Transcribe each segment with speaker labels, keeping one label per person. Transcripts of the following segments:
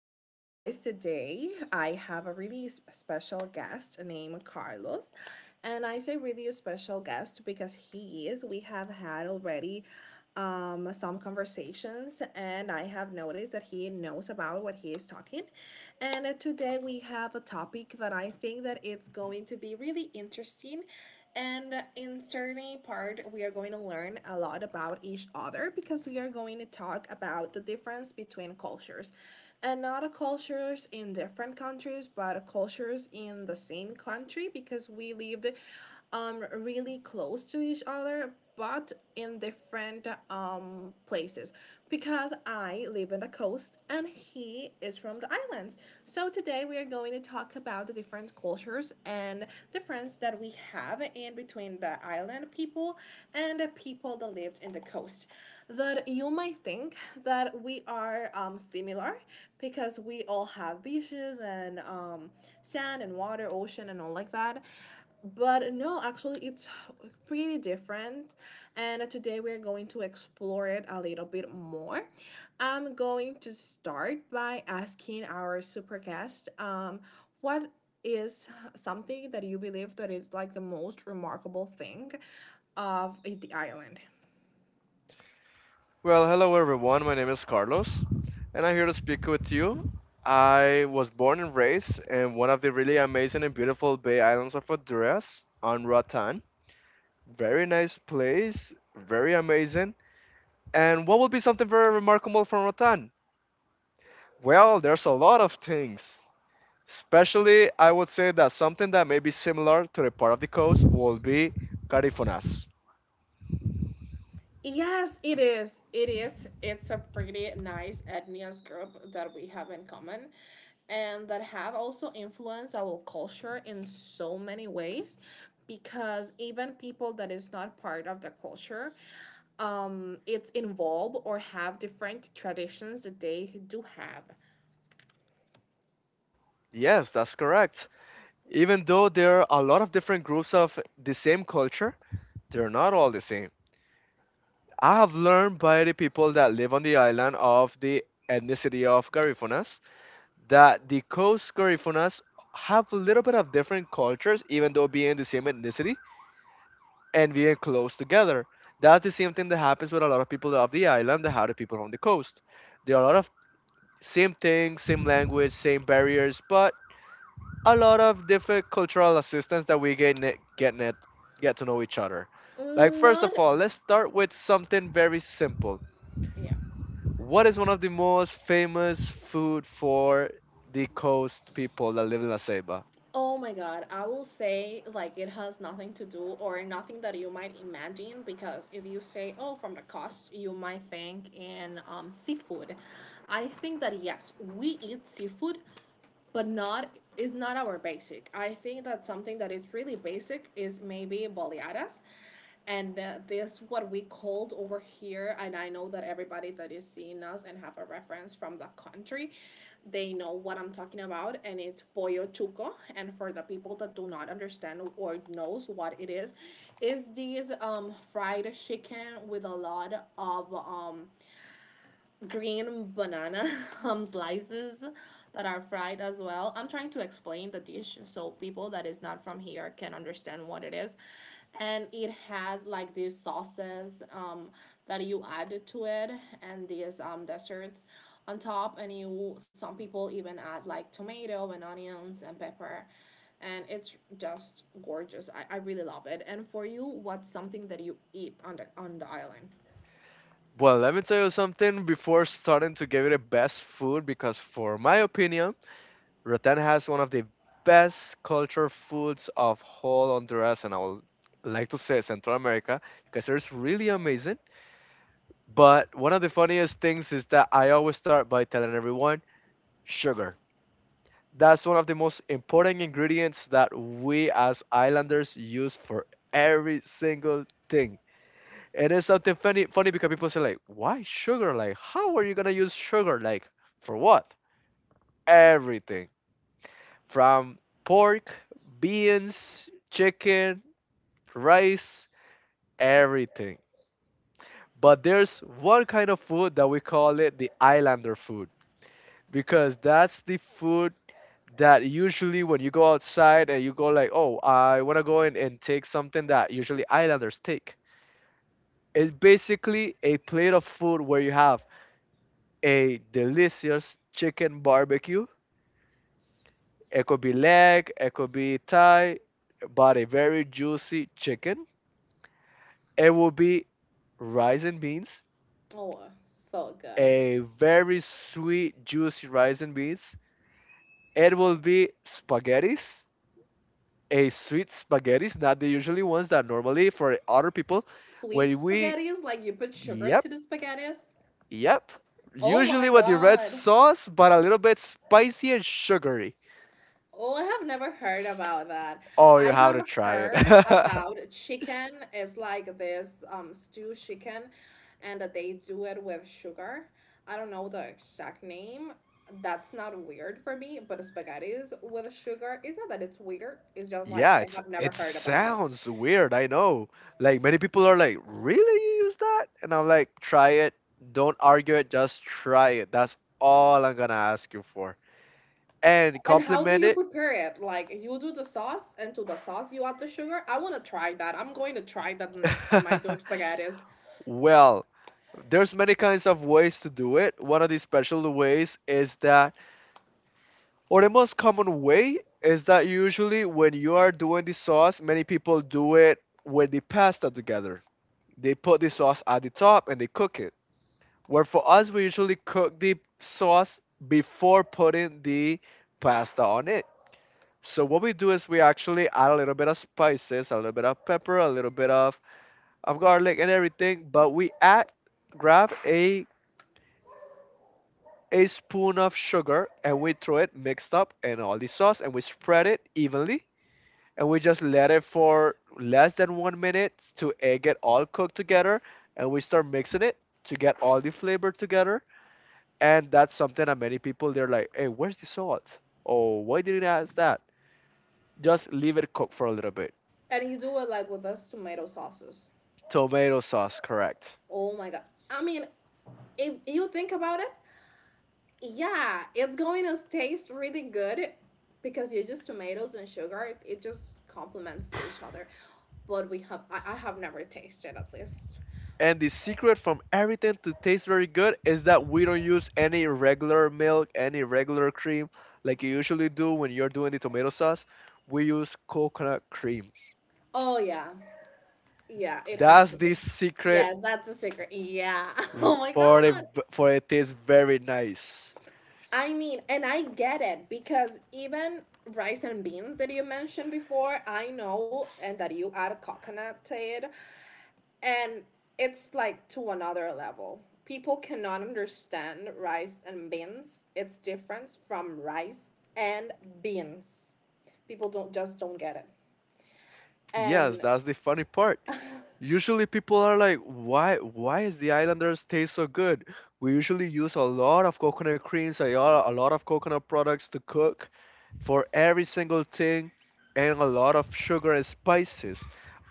Speaker 1: afternoon, guys. Today I have a really special guest named Carlos. And I say really special guest because he is. We have had already some conversations, and I have noticed that he knows about what he is talking. And today we have a topic that I think that it's going to be really interesting and in certain part, we are going to learn a lot about each other because we are going to talk about the difference between cultures. And not cultures in different countries, but cultures in the same country because we lived really close to each other, but in different places because I live on the coast and he is from the islands. So today we are going to talk about the different cultures and difference that we have in between the island people and the people that lived in the coast. That you might think that we are similar because we all have beaches and sand and water, ocean and all like that. But no, actually, it's pretty different. And today we're going to explore it a little bit more. I'm going to start by asking our super guest what is something that you believe that is like the most remarkable thing of the island?
Speaker 2: Well, hello everyone. My name is Carlos, and I'm here to speak with you. I was born and raised in one of the really amazing and beautiful Bay Islands of Honduras on Roatan. Very nice place, very amazing. And what would be something very remarkable from Roatan? Well, there's a lot of things. Especially, I would say that something that may be similar to the part of the coast will be Carifonas.
Speaker 1: Yes, it is. It is. It's a pretty nice ethnic group that we have in common and that have also influenced our culture in so many ways because even people that is not part of the culture it's involved or have different traditions that they do have.
Speaker 2: Yes, that's correct. Even though there are a lot of different groups of the same culture, they're not all the same. I have learned by the people that live on the island of the ethnicity of Garifunas that the Coast Garifunas have a little bit of different cultures, even though being the same ethnicity and being close together. That's the same thing that happens with a lot of people of the island that have the people on the coast. There are a lot of same things, same language, same barriers, but a lot of different cultural assistance that we get ne- get net get to know each other. Like
Speaker 1: Mm,
Speaker 2: first
Speaker 1: not
Speaker 2: of all, let's start with something very simple.
Speaker 1: yeah.
Speaker 2: What is one of the most famous food for the coast people that live in La Ceiba?
Speaker 1: Oh my god, I will say like it has nothing to do or nothing that you might imagine because if you say oh from the cost you might think in seafood. I think that yes, we eat seafood but not is not our basic. I think that something that is really basic is maybe baleadas. And this what we called over here, and I know that everybody that is seeing us and have a reference from the country, they know what I'm talking about, and it's pollo chuco. And for the people that do not understand or knows what it is these fried chicken with a lot of green banana slices that are fried as well. I'm trying to explain the dish so people that is not from here can understand what it is. And it has like these sauces that you add to it and these desserts on top and you some people even add like tomato and onions and pepper and it's just gorgeous. I really love it. And for you, what's something that you eat on the island?
Speaker 2: Well, let me tell you something before starting to give you the best food because for my opinion, Rotan has one of the best culture foods of whole Honduras, and I would like to say Central America, because it's really amazing. But one of the funniest things is that I always start by telling everyone sugar. That's one of the most important ingredients that we as islanders use for every single thing. And it's something funny because people say like, "Why sugar? Like, how are you going to use sugar like for what?" Everything. From pork, beans, chicken, rice, everything. But there's one kind of food that we call it the islander food, because that's the food that usually when you go outside and you go like, oh, I want to go in and take something that usually islanders take. It's basically a plate of food where you have a delicious chicken barbecue. It could be leg, it could be thigh, but a very juicy chicken. It will be rice and beans,
Speaker 1: Oh, so good.
Speaker 2: a very sweet, juicy rice and beans. It will be spaghettis, a sweet spaghetti, not the usually ones that normally for other people
Speaker 1: Sweet
Speaker 2: when we
Speaker 1: spaghettis, like you put sugar
Speaker 2: yep,
Speaker 1: to the spaghettis.
Speaker 2: yep,
Speaker 1: Oh
Speaker 2: usually
Speaker 1: my
Speaker 2: with the red
Speaker 1: god.
Speaker 2: sauce but a little bit spicy and sugary.
Speaker 1: Oh, I have never heard about that.
Speaker 2: Oh, you
Speaker 1: I
Speaker 2: have
Speaker 1: have
Speaker 2: to try it.
Speaker 1: heard about chicken. It's like this stew chicken and that they do it with sugar. I don't know the exact name. That's not weird for me, but spaghettis with sugar, it's not that it's weird. It's just like
Speaker 2: Yeah,
Speaker 1: I
Speaker 2: it's
Speaker 1: have never
Speaker 2: it
Speaker 1: heard about it.
Speaker 2: sounds weird, I know. Like, many people are like, really, you use that? And I'm like, try it, don't argue it, just try it. That's all I'm gonna ask you for, and
Speaker 1: And how do
Speaker 2: compliment
Speaker 1: you
Speaker 2: it.
Speaker 1: prepare it? Like you do the sauce, and to the sauce you add the sugar. I want to try that. I'm going to try that the next time I do spaghettis.
Speaker 2: Well, there's many kinds of ways to do it. One of the special ways is that, or the most common way is that usually when you are doing the sauce, many people do it with the pasta together. They put the sauce at the top and they cook it. Where for us, we usually cook the sauce before putting the pasta on it. So what we do is we actually add a little bit of spices, a little bit of pepper, a little bit of garlic and everything, but we add grab a spoon of sugar and we throw it mixed up in all the sauce and we spread it evenly, and we just let it for less than one minute to get all cooked together, and we start mixing it to get all the flavor together. And that's something that many people, they're like, hey, where's the salt? Oh, why didn't I ask that? Just leave it cook for a little bit.
Speaker 1: And you do it like with those tomato sauces.
Speaker 2: Tomato sauce, correct.
Speaker 1: Oh my god! I mean, if you think about it, yeah, it's going to taste really good because you just tomatoes and sugar. It just complements to each other. But we have, I have never tasted at least.
Speaker 2: And the secret from everything to taste very good is that we don't use any regular milk, any regular cream like you usually do when you're doing the tomato sauce. We use coconut cream.
Speaker 1: Oh yeah, yeah, it had
Speaker 2: That's
Speaker 1: to
Speaker 2: the
Speaker 1: be.
Speaker 2: secret
Speaker 1: Yes, that's a secret. Yeah. Oh my
Speaker 2: for it
Speaker 1: god.
Speaker 2: for it tastes very nice.
Speaker 1: I mean, and I get it because even rice and beans that you mentioned before, I know, and that you add coconut to it, and it's like to another level. People cannot understand rice and beans. It's different from rice and beans. People don't just don't get it.
Speaker 2: Yes,
Speaker 1: And
Speaker 2: that's the funny part. Usually people are like, why is the Islanders taste so good? We usually use a lot of coconut creams, a lot of coconut products to cook for every single thing, and a lot of sugar and spices.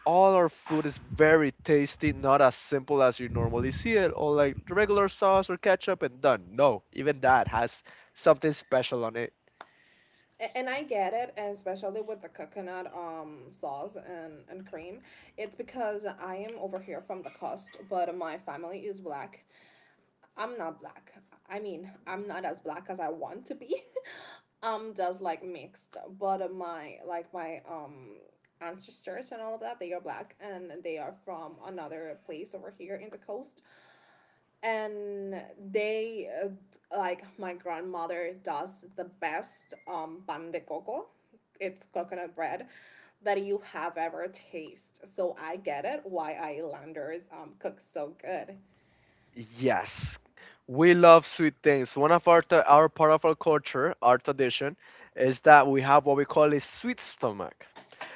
Speaker 2: All our food is very tasty, not as simple as you normally see it, or like regular sauce or ketchup and done. No, even that has something special on it.
Speaker 1: and I get it, and especially with the coconut sauce and cream, it's because I am over here from the coast, but my family is black. I'm not black. I mean, I'm not as black as I want to be. I'm just like mixed, but my like my ancestors and all of that, they are black and they are from another place over here in the coast and they like my grandmother does the best pan de coco, it's coconut bread that you have ever tasted, so I get it why islanders cook so good.
Speaker 2: Yes, we love sweet things. One of our our part of our culture, our tradition, is that we have what we call a sweet stomach,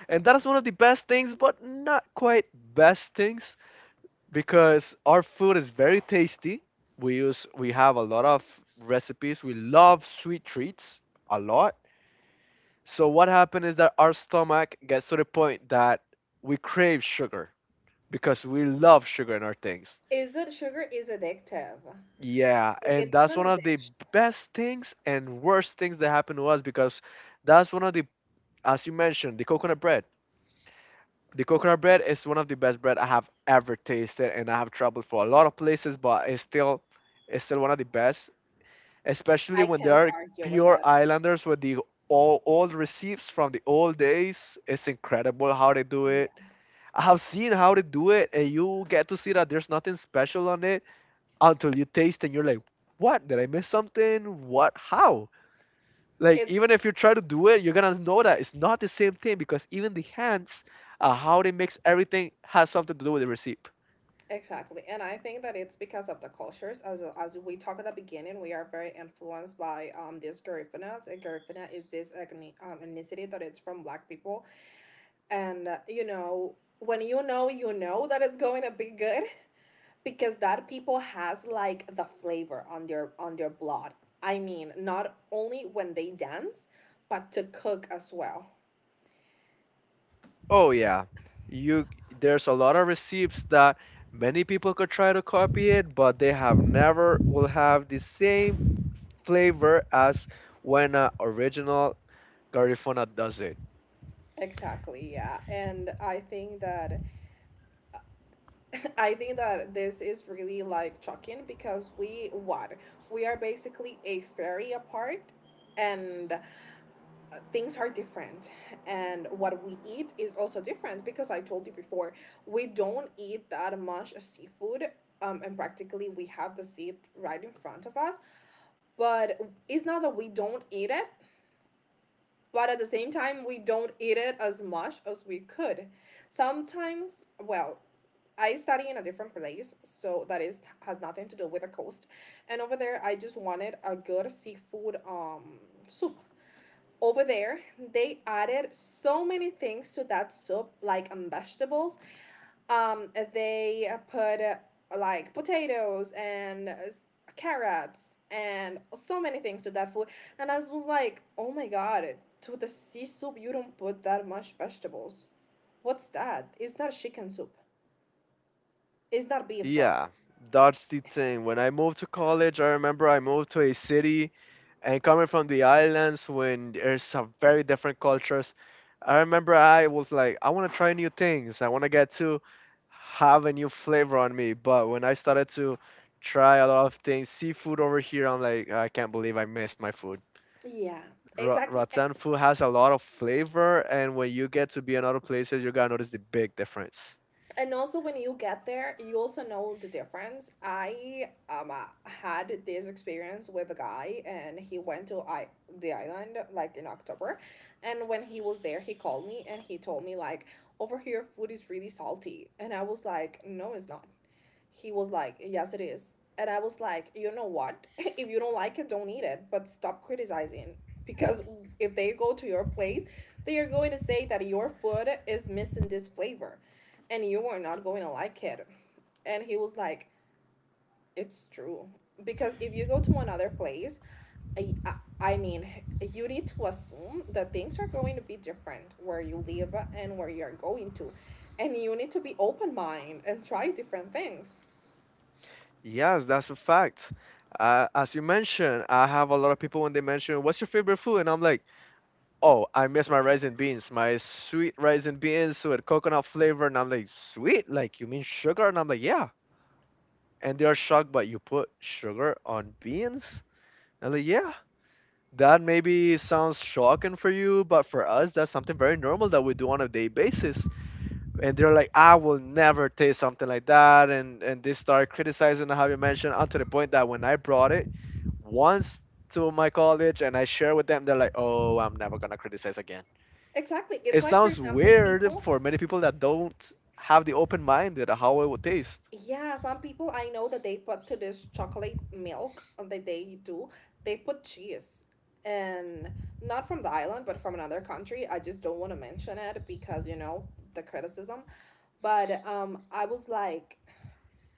Speaker 2: and that is one of the best things, but not quite best things, because our food is very tasty. We have a lot of recipes. We love sweet treats a lot. So what happened is that our stomach gets to the point that we crave sugar, because we love sugar in our things.
Speaker 1: Is that sugar is addictive,
Speaker 2: Yeah, and
Speaker 1: it's
Speaker 2: that's
Speaker 1: an
Speaker 2: one of the
Speaker 1: addiction.
Speaker 2: best things and worst things that happened to us, because that's one of the, as you mentioned, the coconut bread. The coconut bread is one of the best bread I have ever tasted, and I have traveled for a lot of places, but it's still one of the best, especially
Speaker 1: I
Speaker 2: when they
Speaker 1: can't
Speaker 2: are
Speaker 1: argue with
Speaker 2: pure
Speaker 1: that,
Speaker 2: islanders with the all old recipes from the old days. It's incredible how they do
Speaker 1: yeah,
Speaker 2: it. I have seen how they do it, and you get to see that there's nothing special on it until you taste and you're like, what? Did I miss something? What? How? Like,
Speaker 1: it's
Speaker 2: even if you try to do it, you're gonna know that it's not the same thing, because even the hands, how they mix everything has something to do with the recipe.
Speaker 1: exactly. And I think that it's because of the cultures. As we talked at the beginning, we are very influenced by these Garifunas. And Garifuna is this ethnicity that it's from black people. And, you know, when you know that it's going to be good because that people has like the flavor on their blood. I mean, not only when they dance, but to cook as well.
Speaker 2: Oh yeah, you. There's a lot of recipes that many people could try to copy it, but they have never will have the same flavor as when an original Garifuna does it.
Speaker 1: Exactly, yeah. And I think that this is really like shocking because we what we are basically a fairy apart and things are different and what we eat is also different because I told you before we don't eat that much seafood, and practically we have the seed right in front of us, but it's not that we don't eat it, but at the same time we don't eat it as much as we could sometimes. Well, I study in a different place, so that is has nothing to do with the coast. And over there, I just wanted a good seafood soup. Over there, they added so many things to that soup, like vegetables. They put like potatoes and carrots and so many things to that food. And I was like, oh my god, to the sea soup, you don't put that much vegetables. What's that? It's not chicken soup. It's not beef broth.
Speaker 2: Yeah, that's the thing. When I moved to college, I remember I moved to a city, and coming from the islands when there's some very different cultures. I remember I was like, I want to try new things. I want to get to have a new flavor on me. But when I started to try a lot of things, seafood over here, I'm like, I can't believe I miss my food.
Speaker 1: Yeah, exactly.
Speaker 2: Rattan food has a lot of flavor, and when you get to be in other places, you're gonna notice the big difference.
Speaker 1: And also, when you get there, you also know the difference. I had this experience with a guy, and he went to I the island like in October, and when he was there, he called me and he told me like over here food is really salty, and I was like, no, it's not. He was like, yes, it is. And I was like, you know what? If you don't like it, don't eat it, but stop criticizing. Because if they go to your place, they are going to say that your food is missing this flavor and you are not going to like it. And he was like, it's true. Because if you go to another place, I, I, I mean, you need to assume that things are going to be different where you live and where you're going to. And you need to be open mind and try different things.
Speaker 2: Yes, that's a fact. As you mentioned, I have a lot of people when they mention, "What's your favorite food?" and I'm like, "Oh, I miss my rice and beans, my sweet rice and beans with coconut flavor." And I'm like, "Sweet? Like you mean sugar?" And I'm like, "Yeah." And they are shocked, but you put sugar on beans? And I'm like, "Yeah." That maybe sounds shocking for you, but for us, that's something very normal that we do on a day basis, and they're like, I will never taste something like that, and they start criticizing how you mentioned, up to the point that when I brought it once to my college and I share with them, they're like, oh, I'm never gonna criticize again.
Speaker 1: Exactly.
Speaker 2: It
Speaker 1: It's like, for
Speaker 2: sounds
Speaker 1: example,
Speaker 2: weird
Speaker 1: people,
Speaker 2: for many people that don't have the open mind that how it would taste.
Speaker 1: yeah, some people I know that they put to this chocolate milk that they do, they put cheese. And not from the island, but from another country. I just don't want to mention it because, you know, the criticism. But I was like,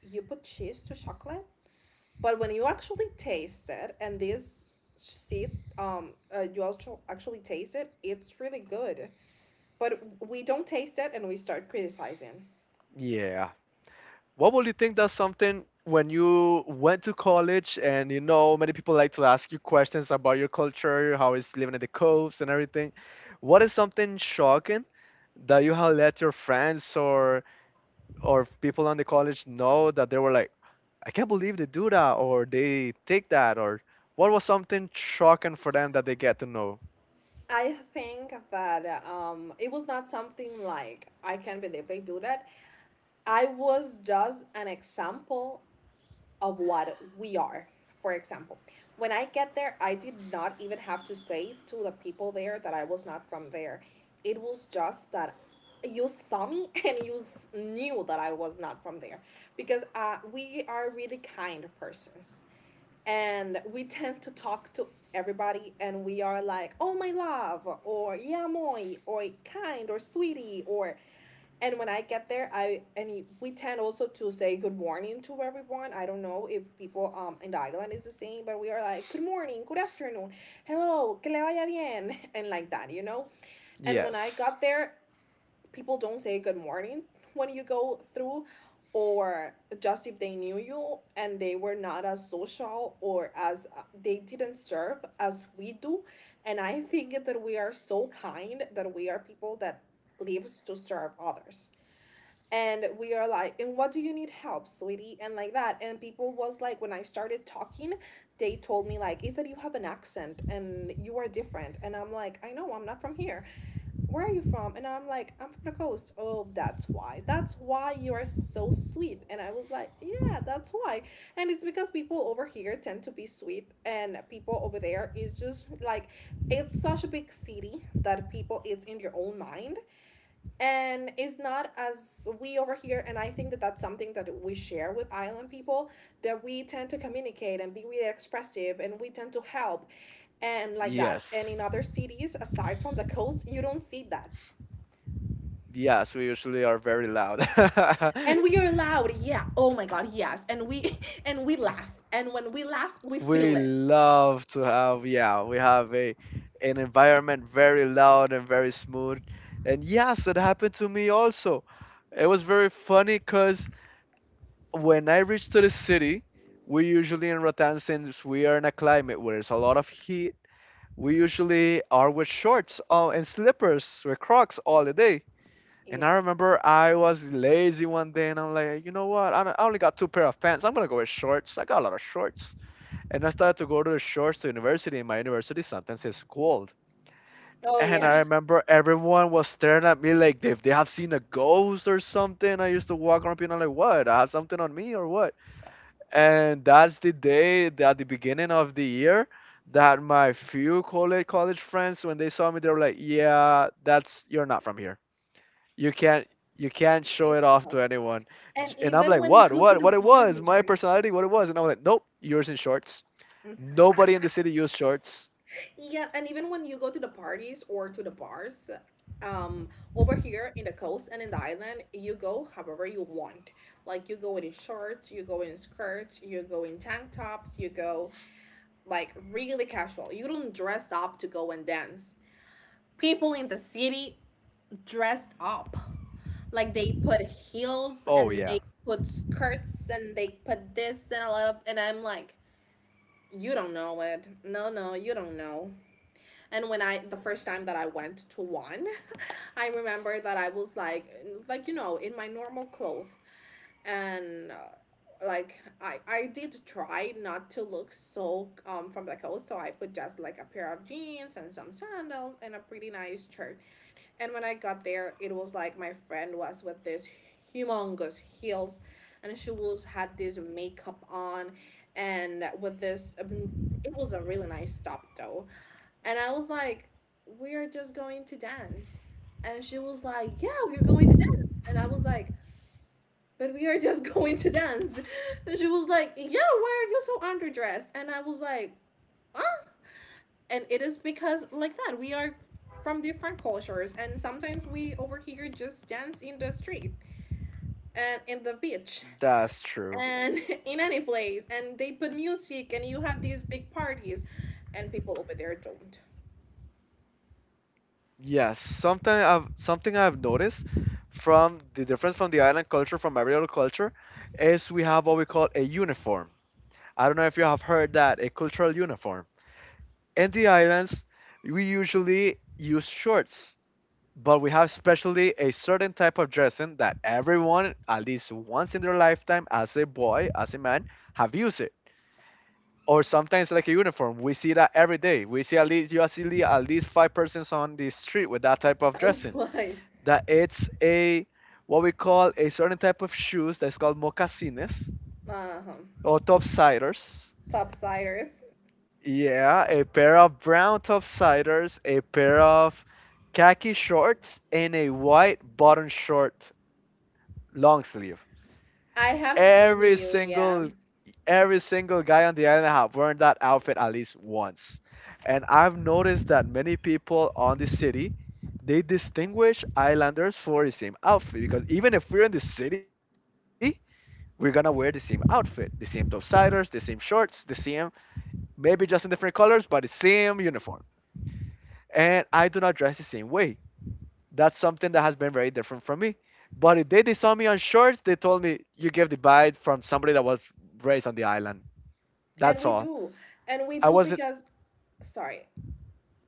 Speaker 1: you put cheese to chocolate? But when you actually taste it and this seed, you also actually taste it, it's really good. But we don't taste it and we start criticizing.
Speaker 2: Yeah. What would you think that's something when you went to college and you know many people like to ask you questions about your culture, how it's living at the coast and everything. What is something shocking that you have let your friends or people on the college know that they were like, I can't believe they do that or they take that, or what was something shocking for them that they get to know?
Speaker 1: I think that it was not something like I can't believe they do that. I was just an example of what we are. For example, when I get there, I did not even have to say to the people there that I was not from there. It was just that you saw me and you knew that I was not from there because we are really kind persons and we tend to talk to everybody and we are like, oh, my love, or yeah, moi, or kind, or sweetie, or and when I get there, I and we tend also to say good morning to everyone. I don't know if people in the island is the same, but we are like good morning, good afternoon, hello, que le vaya bien, and like that, you know. And when I got
Speaker 2: Yes.
Speaker 1: there, people don't say good morning when you go through, or just if they knew you and they were not as social or as they didn't serve as we do. And I think that we are so kind, that we are people that lives to serve others. And we are like, "And what do you need help, sweetie?" And like that. And people was like, when I started talking, they told me like, "Is that you have an accent and you are different?" And I'm like, "I know, I'm not from here." "Where are you from?" And I'm like, "I'm from the coast." "Oh, that's why, that's why you are so sweet." And I was like, "Yeah, that's why." And it's because people over here tend to be sweet, and people over there is just like, it's such a big city that people, it's in your own mind. And it's not as we over here. And I think that that's something that we share with island people, that we tend to communicate and be really expressive, and we tend to help, and like that. And
Speaker 2: Yes.
Speaker 1: in other cities aside from the coast, you don't see that.
Speaker 2: Yes, we usually are very loud.
Speaker 1: And we are loud, yeah, oh my god, yes. And we and we laugh, and when we laugh we
Speaker 2: We
Speaker 1: feel it.
Speaker 2: love to have, yeah, we have a an environment very loud and very smooth. And yes, it happened to me also. It was very funny because when I reached to the city, we usually in Rotan, since we are in a climate where there's a lot of heat, we usually are with shorts and slippers with Crocs all the day. And I
Speaker 1: Yes.
Speaker 2: remember I was lazy one day and I'm like, you know what? I don't- I only got two pair of pants. I'm gonna go with shorts. I got a lot of shorts. And I started to go to the shores to university, and my university sometimes is cold.
Speaker 1: Oh
Speaker 2: And I
Speaker 1: yeah.
Speaker 2: remember everyone was staring at me like if they have seen a ghost or something. I used to walk around being like, what? I have something on me or what? And that's the day that at the beginning of the year that my few college friends, when they saw me, they were like, "Yeah, that's, you're not from here. You can't you can't show
Speaker 1: It-
Speaker 2: it off to anyone."
Speaker 1: and
Speaker 2: And I'm
Speaker 1: even
Speaker 2: like,
Speaker 1: when you
Speaker 2: "What?
Speaker 1: go to
Speaker 2: What? What
Speaker 1: the
Speaker 2: it was?
Speaker 1: parties,
Speaker 2: My
Speaker 1: right?
Speaker 2: personality, what it was?" And I was like, "Nope, yours in shorts. Nobody in the city used shorts."
Speaker 1: Yeah, and even when you go to the parties or to the bars, um, over here in the coast and in the island, you go however you want. Like you go in shorts, you go in skirts, you go in tank tops, you go like really casual. You don't dress up to go and dance. People in the city dressed up. Like they put heels
Speaker 2: Oh yeah,
Speaker 1: and they put skirts and they put this and a lot of. And I'm like, you don't know it. No, no, you don't know. And when I the first time that I went to one, I remember that I was like you know, in my normal clothes, and like I did try not to look so from the coast, so I put just like a pair of jeans and some sandals and a pretty nice shirt. And when I got there, it was like my friend was with this humongous heels, and she was had this makeup on, and with this, I mean, it was a really nice stop though. And I was like, "We are just going to dance." And she was like, "Yeah, we're going to dance." And I was like, "But we are just going to dance." And she was like, "Yeah, why are you so underdressed?" And I was like, and it is because like that, we are from different cultures. And sometimes we over here just dance in the street and in the beach
Speaker 2: that's true.
Speaker 1: and in any place, and they put music and you have these big parties, and people over there don't.
Speaker 2: Yes, something I've noticed from the difference, from the island culture from every other culture, is we have what we call a uniform. I don't know if you have heard that, a cultural uniform. In the islands, we usually use shorts, but we have specially a certain type of dressing that everyone, at least once in their lifetime, as a boy, as a man, have used, or sometimes like a uniform. We see that every day. We see at least you see at least five persons on the street with that type of
Speaker 1: Oh
Speaker 2: dressing.
Speaker 1: my.
Speaker 2: That it's a, what we call, a certain type of shoes that's called mocasines
Speaker 1: Uh-huh.
Speaker 2: or topsiders.
Speaker 1: Topsiders.
Speaker 2: Yeah, a pair of brown topsiders, a pair of khaki shorts, and a white bottom short long sleeve.
Speaker 1: I have seen
Speaker 2: Every
Speaker 1: you, yeah.
Speaker 2: single every single guy on the island have worn that outfit at least once. And I've noticed that many people on the city, they distinguish islanders for the same outfit, because even if we're in the city, we're gonna wear the same outfit, the same topsiders, the same shorts, the same, maybe just in different colors, but the same uniform. And I do not dress the same way. That's something that has been very different from me. But if they saw me on shorts, they told me you gave the vibe from somebody that was raised on the island.
Speaker 1: And
Speaker 2: That's
Speaker 1: we
Speaker 2: all.
Speaker 1: do. And we
Speaker 2: I
Speaker 1: do
Speaker 2: wasn't
Speaker 1: because sorry,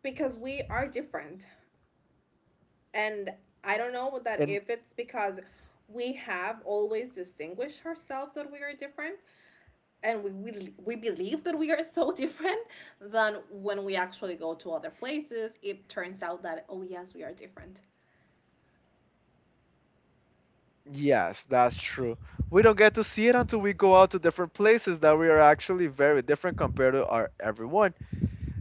Speaker 1: because we are different. And I don't know that
Speaker 2: in.
Speaker 1: if it's because we have always distinguished ourselves, that we are different and we believe that we are so different. Then when we actually go to other places, it turns out that, oh yes, we are different.
Speaker 2: Yes, that's true. We don't get to see it until we go out to different places that we are actually very different compared to our everyone.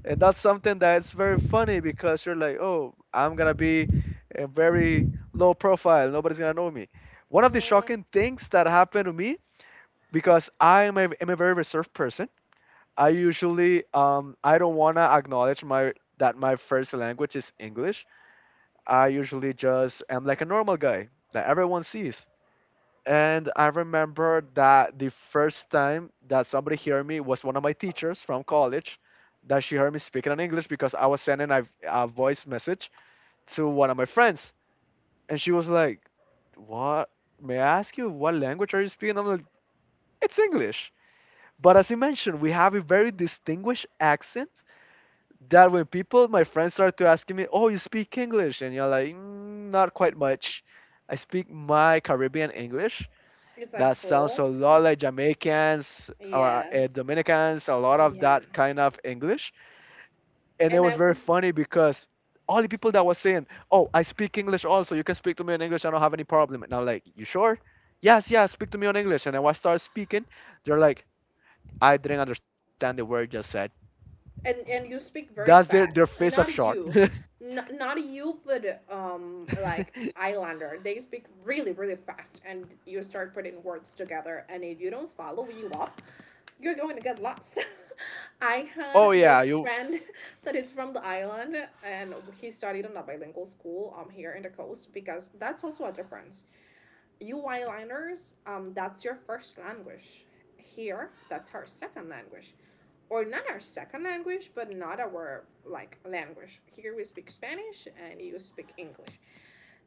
Speaker 2: And that's something that's very funny, because you're like, oh, I'm gonna be a very low profile. Nobody's gonna know me. One of the
Speaker 1: mm,
Speaker 2: shocking things that happened to me, because I am a very reserved person. I usually I don't wanna acknowledge my that my first language is English. I usually just am like a normal guy that everyone sees. And I remember that the first time that somebody heard me was one of my teachers from college, that she heard me speaking in English because I was sending a voice message to one of my friends. And she was like, "What? May I ask you, what language are you speaking?" I'm like, "It's English." But as you mentioned, we have a very distinguished accent, that when people, my friends, start to asking me, "Oh, you speak English?" And you're like, "Mm, not quite much. I speak my Caribbean English
Speaker 1: is that
Speaker 2: that sounds
Speaker 1: cruel?
Speaker 2: a lot like Jamaicans,
Speaker 1: Yes.
Speaker 2: Dominicans, a lot of
Speaker 1: Yeah.
Speaker 2: that kind of English." And it
Speaker 1: and I
Speaker 2: was very
Speaker 1: was
Speaker 2: funny, because all the people that was saying, "Oh, I speak English also. You can speak to me in English. I don't have any problem." And I'm like, "You sure?" "Yes, yes. Speak to me in English." And then when I start speaking, they're like, "I didn't understand the word you just said."
Speaker 1: And you speak
Speaker 2: That's their
Speaker 1: very
Speaker 2: their face
Speaker 1: fast.
Speaker 2: of shock.
Speaker 1: Not you, not not you, but like Islander. They speak really really fast, and you start putting words together. And if you don't follow you up, you're going to get lost. I
Speaker 2: Oh
Speaker 1: had
Speaker 2: yeah,
Speaker 1: this
Speaker 2: you.
Speaker 1: friend that is from the island, and he studied in a bilingual school here in the coast, because that's also a difference. You eyeliners, that's your first language. Here, that's our second language. Or not our second language, but not our like language. Here we speak Spanish and you speak English.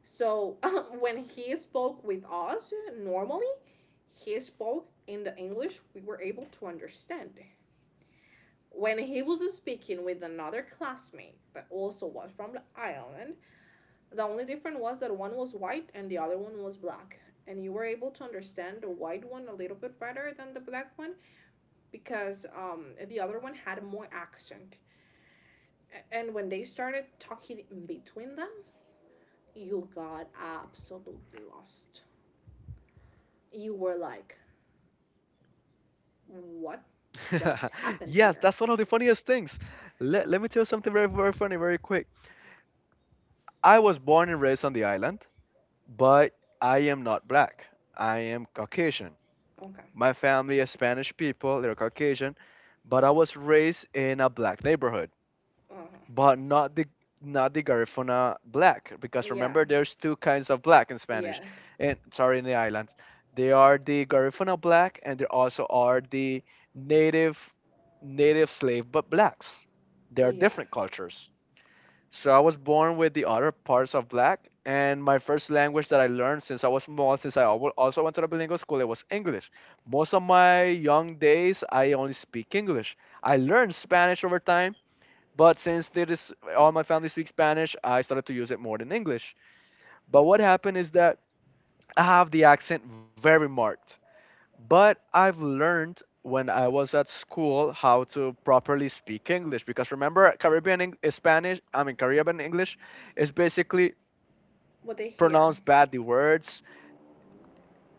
Speaker 1: So when he spoke with us normally, he spoke in the English we were able to understand. When he was speaking with another classmate that also was from the island, the only difference was that one was white and the other one was black. And you were able to understand the white one a little bit better than the black one because the other one had more accent. And when they started talking in between them, you got absolutely lost. You were like, what just happened
Speaker 2: Yes,
Speaker 1: here?
Speaker 2: that's one of the funniest things. Let me tell you something very very funny, very quick. I was born and raised on the island, but I am not black. I am Caucasian.
Speaker 1: Okay.
Speaker 2: My family is Spanish people, they're Caucasian, but I was raised in a black neighborhood,
Speaker 1: Uh huh.
Speaker 2: but not the Garifuna black, because
Speaker 1: Yeah.
Speaker 2: remember there's two kinds of black in Spanish.
Speaker 1: Yes.
Speaker 2: And sorry, in the islands. They are the Garifuna black, and there also are the native native slave but blacks. They are
Speaker 1: Yeah.
Speaker 2: different cultures. So I was born with the other parts of black, and my first language that I learned since I was small, since I also went to the bilingual school, it was English. Most of my young days, I only speak English. I learned Spanish over time, but since it is all my family speaks Spanish, I started to use it more than English. But what happened is that I have the accent very marked, but I've learned when I was at school how to properly speak English, because remember Caribbean Spanish, I mean Caribbean English is basically
Speaker 1: What they
Speaker 2: pronounce
Speaker 1: hear.
Speaker 2: badly words,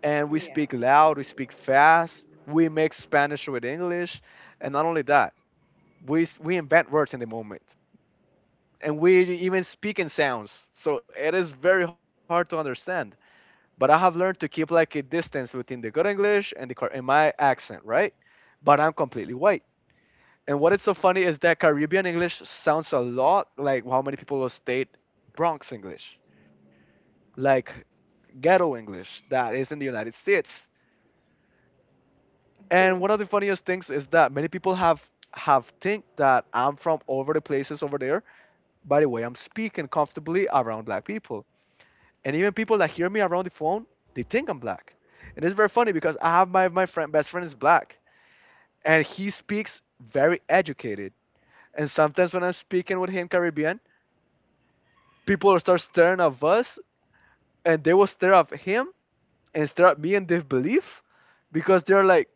Speaker 2: and we
Speaker 1: Yeah.
Speaker 2: speak loud, we speak fast, we mix Spanish with English, and not only that, we invent words in the moment, and we even speak in sounds. So it is very hard to understand. But I have learned to keep like a distance between the good English and and my accent, right? But I'm completely white. And what is so funny is that Caribbean English sounds a lot like how many people will state Bronx English, like ghetto English that is in the United States. And
Speaker 1: True.
Speaker 2: one of the funniest things is that many people have think that I'm from over the places over there by the way I'm speaking comfortably around black people. And even people that hear me around the phone, they think I'm black. And it's very funny, because I have my friend best friend is black, and he speaks very educated. And sometimes when I'm speaking with him Caribbean, people will start staring at us, and they will stare at him and stare at me in disbelief, because they're like,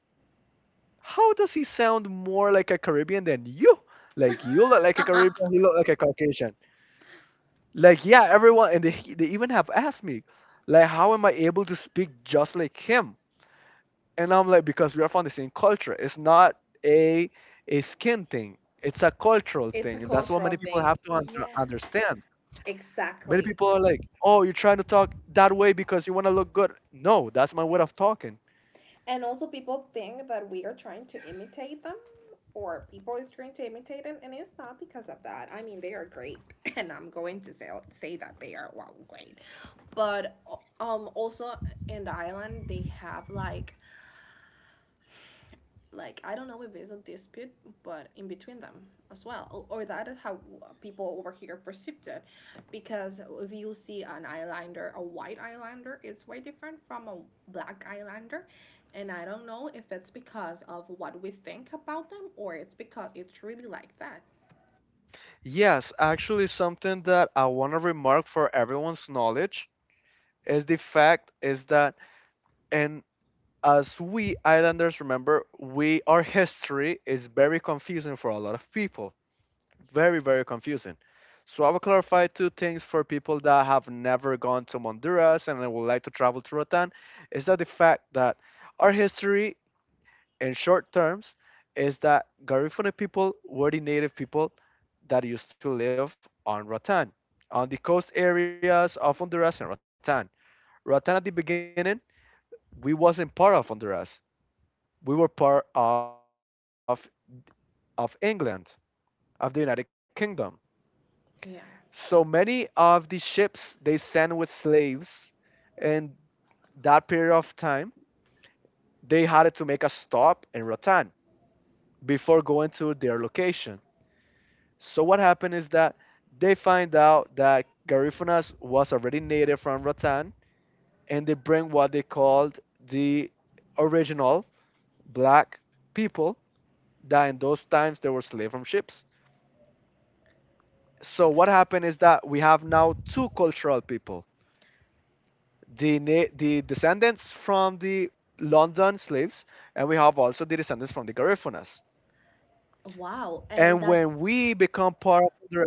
Speaker 2: "How does he sound more like a Caribbean than you? Like you look like a Caribbean, he look like a Caucasian." Like yeah, everyone, and they even have asked me, like how am I able to speak just like him? And I'm like, because we are from the same culture. It's not a a skin thing. It's a cultural
Speaker 1: It's a
Speaker 2: thing, and that's what
Speaker 1: cultural
Speaker 2: many people
Speaker 1: thing.
Speaker 2: have to under
Speaker 1: Yeah.
Speaker 2: understand. Many
Speaker 1: Exactly.
Speaker 2: people are like, "Oh, you're trying to talk that way because you want to look good." No, that's my way of talking.
Speaker 1: And also, people think that we are trying to imitate them, or people is trying to imitate them, and it's not because of that. I mean, they are great, and I'm going to say that they are wow great, but also in the island they have like I don't know if there's a dispute, but in between them as well, or that is how people over here perceived it, because if you see an eyeliner, a white eyeliner is way different from a black eyeliner. And I don't know if that's because of what we think about them or it's because it's really like that.
Speaker 2: Yes, actually something that I want to remark for everyone's knowledge is the fact is that, and as we islanders remember, we our history is very confusing for a lot of people. Very, very confusing. So I will clarify two things for people that have never gone to Honduras and would like to travel to Rotan, is that the fact that our history, in short terms, is that Garifuna people were the native people that used to live on Ratan, on the coast areas of Honduras and Ratan. Ratan at the beginning, we wasn't part of Honduras. We were part of England, of the United Kingdom. So many
Speaker 1: Yeah.
Speaker 2: of the ships they sent with slaves in that period of time, they had to make a stop in Ratan before going to their location. So what happened is that they find out that Garifuna was already native from Rotan, and they bring what they called the original black people, that in those times they were slaves from ships. So what happened is that we have now two cultural people: the descendants from the London slaves, and we have also the descendants from the Garifunas.
Speaker 1: Wow, and
Speaker 2: And
Speaker 1: that's,
Speaker 2: when we become part of the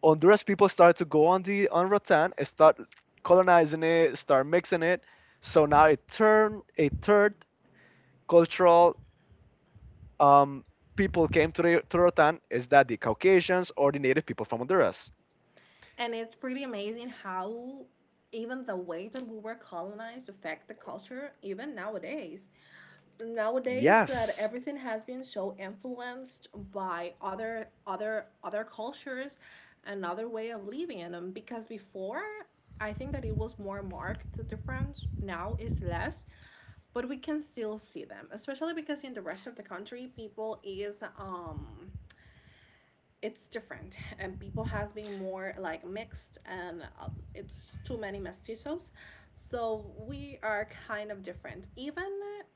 Speaker 2: Honduras, people started to go on the on rattan and start colonizing it, start mixing it. So now it turned a third cultural, um, people came to to rattan, is that the Caucasians or the native people from Honduras.
Speaker 1: and it's pretty amazing how even the way that we were colonized affect the culture even nowadays, nowadays that
Speaker 2: Yes.
Speaker 1: everything has been so influenced by other other cultures and other way of living, because before I think that it was more marked the difference, now is less, but we can still see them, especially because in the rest of the country people is it's different, and people has been more like mixed, and it's too many mestizos. So we are kind of different. Even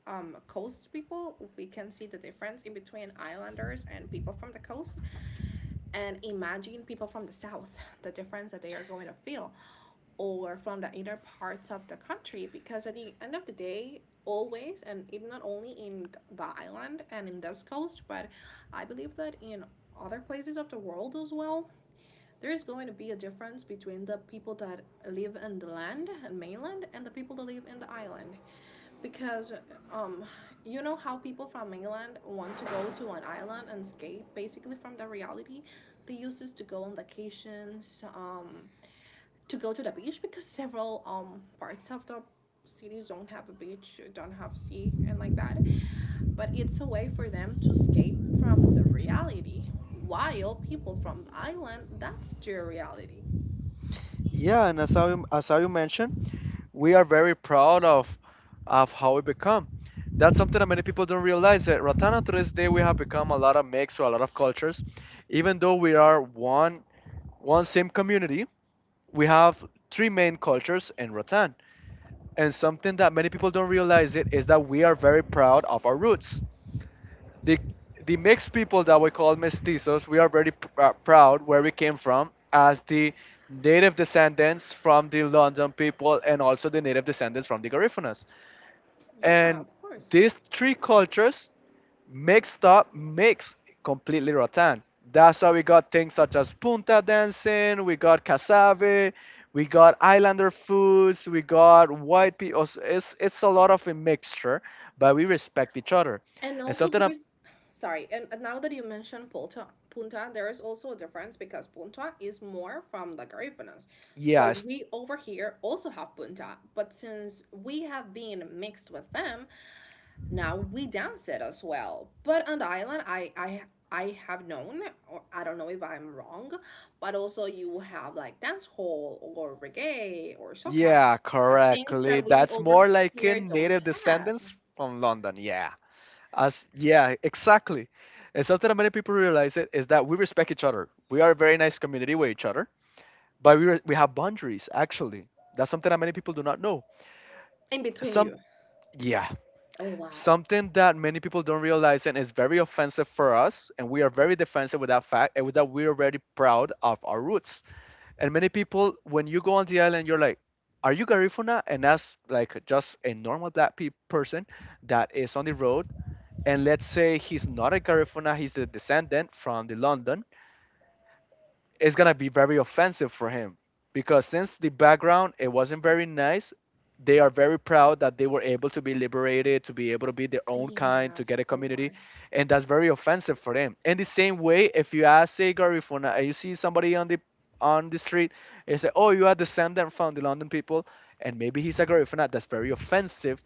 Speaker 1: coast people, we can see the difference in between islanders and people from the coast. And imagine people from the south, the difference that they are going to feel, or from the inner parts of the country. Because at the end of the day, always, and it not only in the island and in this coast, but I believe that in other places of the world as well, there is going to be a difference between the people that live in the land and mainland and the people that live in the island. Because um, you know how people from mainland want to go to an island and escape basically from the reality. They used this to go on vacations, to go to the beach, because several parts of the cities don't have a beach, don't have sea, and like that. But it's a way for them to escape from the reality. While people from the island, that's their reality.
Speaker 2: Yeah, and as I mentioned, we are very proud of how we become. That's something that many people don't realize, that Ratana to this day we have become a lot of mix or a lot of cultures. Even though we are one same community, we have three main cultures in Rotan. And something that many people don't realize it is that we are very proud of our roots. The the mixed people that we call mestizos, we are very proud where we came from, as the native descendants from the London people and also the native descendants from the Garífunas.
Speaker 1: Yeah,
Speaker 2: And
Speaker 1: of course.
Speaker 2: these three cultures mix completely rotan, that's how we got things such as punta dancing, we got cassave, we got islander foods, we got white people, it's a lot of a mixture, but we respect each other,
Speaker 1: And
Speaker 2: and
Speaker 1: also
Speaker 2: something i.
Speaker 1: there's sorry, and now that you mentioned Punta, Punta, there is also a difference because Punta is more from the Garifunas. So
Speaker 2: Yes.
Speaker 1: we over here also have Punta, but since we have been mixed with them, now we dance it as well. But on the island, I I have known, or I don't know if I'm wrong, but also you have like dance hall or reggae or soca,
Speaker 2: Yeah,
Speaker 1: things
Speaker 2: correctly,
Speaker 1: that we
Speaker 2: that's
Speaker 1: over
Speaker 2: more like a
Speaker 1: here don't
Speaker 2: native
Speaker 1: have
Speaker 2: descendants from london, yeah. As, yeah, exactly. And something that many people realize it is that we respect each other, we are a very nice community with each other, but we have boundaries actually. That's something that many people do not know.
Speaker 1: in between
Speaker 2: Some,
Speaker 1: you.
Speaker 2: yeah,
Speaker 1: Oh wow,
Speaker 2: something that many people don't realize and is very offensive for us, and we are very defensive with that fact, and with that we're very proud of our roots. And many people, when you go on the island, you're like, "Are you Garifuna?" And that's like just a normal black person that is on the road. And let's say he's not a Garifuna, he's the descendant from the London, it's gonna be very offensive for him because since the background it wasn't very nice. They are very proud that they were able to be liberated, to be able to be their own kind,
Speaker 1: yeah, of
Speaker 2: to get a community.
Speaker 1: course.
Speaker 2: And that's very offensive for them. In the same way, if you ask say Gary if when, you see somebody on the street, you say, oh, you are descendant from the london people and maybe he's a Garifuna. That's very offensive,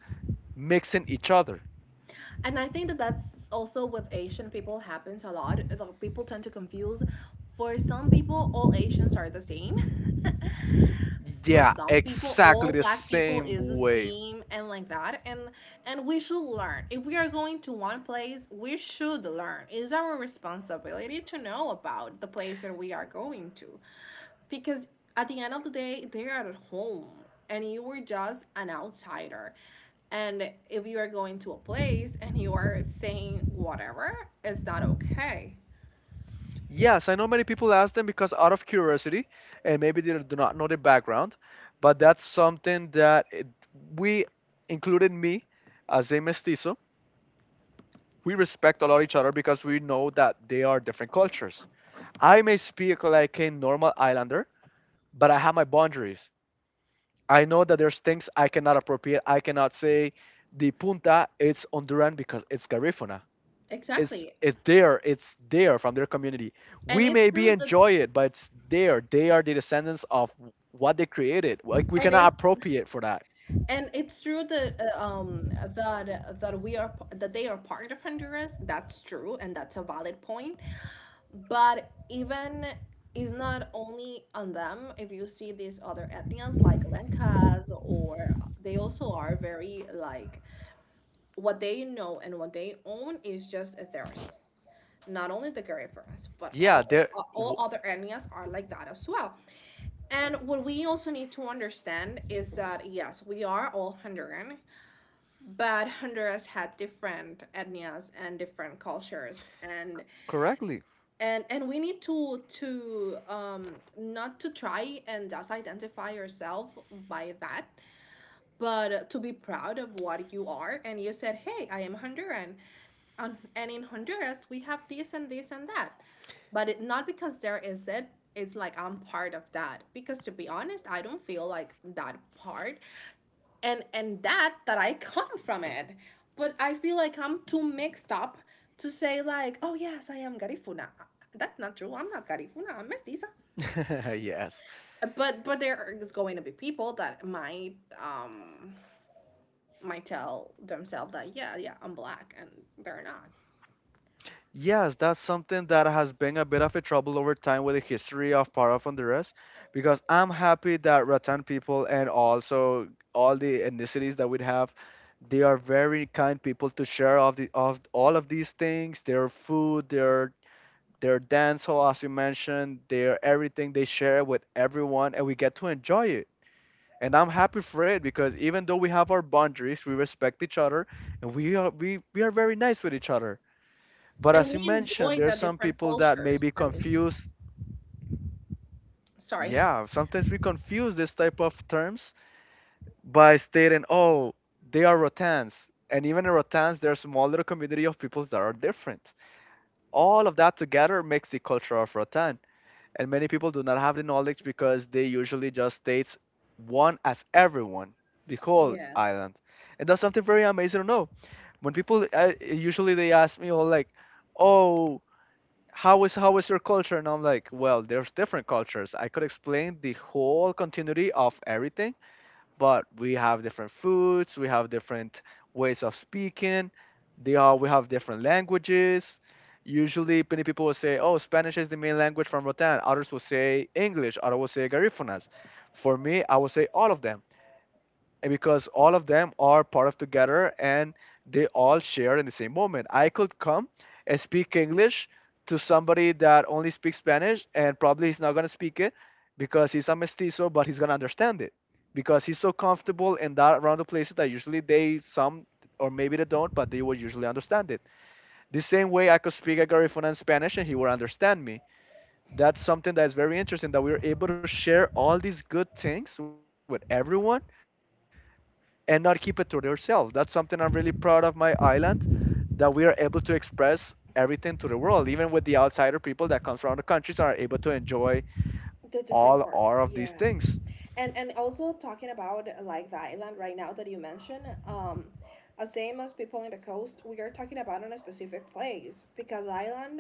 Speaker 2: mixing each other.
Speaker 1: And I think that that's also with Asian people happens a lot. The people tend to confuse. For some people, all Asians are the same, for
Speaker 2: Yeah,
Speaker 1: some people
Speaker 2: exactly
Speaker 1: all
Speaker 2: the
Speaker 1: black people
Speaker 2: same
Speaker 1: is a
Speaker 2: way.
Speaker 1: scheme, and like that. And we should learn, if we are going to one place we should learn, it's our responsibility to know about the place that we are going to, because at the end of the day they are at home and you were just an outsider. And if you are going to a place and you are saying whatever, it's not okay.
Speaker 2: Yes, I know many people ask them because out of curiosity, and maybe they do not know the background, but that's something that it, we, included me as a mestizo, we respect a lot each other because we know that they are different cultures. I may speak like a normal islander, but I have my boundaries. I know that there's things I cannot appropriate. I cannot say the punta it's Honduran because it's Garifuna. it's
Speaker 1: Exactly.
Speaker 2: it's there, it's there from their community.
Speaker 1: And
Speaker 2: We
Speaker 1: it's
Speaker 2: maybe
Speaker 1: true that,
Speaker 2: enjoy it, but it's there. They are the descendants of what they created. Like, we
Speaker 1: and
Speaker 2: cannot
Speaker 1: it's,
Speaker 2: appropriate for that.
Speaker 1: and it's true that that we are that they are part of Honduras. That's true, and that's a valid point. But even is not only on them. If you see these other ethnias like Lencas, or they also are very like what they know and what they own is just theirs. Not only the Garifunas, but
Speaker 2: Yeah, there
Speaker 1: all
Speaker 2: w
Speaker 1: other ethnias are like that as well. And what we also need to understand is that yes, we are all Honduran, but Honduras had different ethnias and different cultures, and
Speaker 2: correctly.
Speaker 1: and we need to not to try and just identify yourself by that, but to be proud of what you are, and you said, "Hey, I am Honduran, and in Honduras we have this and this and that." But it, not because there is it, it's like I'm part of that, because to be honest I don't feel like that part and that that I come from it. But I feel like I'm too mixed up to say like, oh yes, I am Garifuna. That's not true. I'm not Garifuna. I'm mestiza.
Speaker 2: Yes.
Speaker 1: But there is going to be people that um might tell themselves that yeah yeah I'm black, and they're not.
Speaker 2: Yes, that's something that has been a bit of a trouble over time with the history of part of Honduras, because I'm happy that Ratan people and also all the ethnicities that we have, they are very kind people to share of the of all of these things, their food, their dancehall, as you mentioned, their everything they share with everyone, and we get to enjoy it. And I'm happy for it because even though we have our boundaries, we respect each other, and we are very nice with each other. But
Speaker 1: And
Speaker 2: as
Speaker 1: we
Speaker 2: you mentioned,
Speaker 1: enjoy
Speaker 2: there are
Speaker 1: the
Speaker 2: some
Speaker 1: different
Speaker 2: people that
Speaker 1: cultures
Speaker 2: maybe
Speaker 1: that we have.
Speaker 2: confuse.
Speaker 1: Sorry.
Speaker 2: Yeah, sometimes we confuse this type of terms by stating, oh, they are Rotans. And even in Rotans, there's a small little community of peoples that are different. All of that together makes the culture of Rotan. And many people do not have the knowledge because they usually just states one as everyone, the whole
Speaker 1: Yes.
Speaker 2: island. And that's something very amazing to know when people usually they ask me all, like, oh, how is your culture, and I'm like, well, there's different cultures. I could explain the whole continuity of everything, but we have different foods, we have different ways of speaking. They are we have different languages. Usually, many people will say, "Oh, Spanish is the main language from Rotan." Others will say English. Others will say Garífunas. For me, I will say all of them because all of them are part of together, and they all share in the same moment. I could come and speak English to somebody that only speaks Spanish, and probably he's not going to speak it because he's a mestizo, but he's going to understand it because he's so comfortable in that around the places that usually they some or maybe they don't, but they will usually understand it. The same way, I could speak Agarifuna in Spanish and he will understand me. That's something that is very interesting, that we are able to share all these good things with everyone and not keep it to yourself. That's something I'm really proud of my island, that we are able to express everything to the world, even with the outsider people that comes around the countries are able to enjoy
Speaker 1: The different part.
Speaker 2: all of these
Speaker 1: Yeah.
Speaker 2: things.
Speaker 1: And also talking about like the island right now that you mentioned, as same as people in the coast, we are talking about on a specific place because island.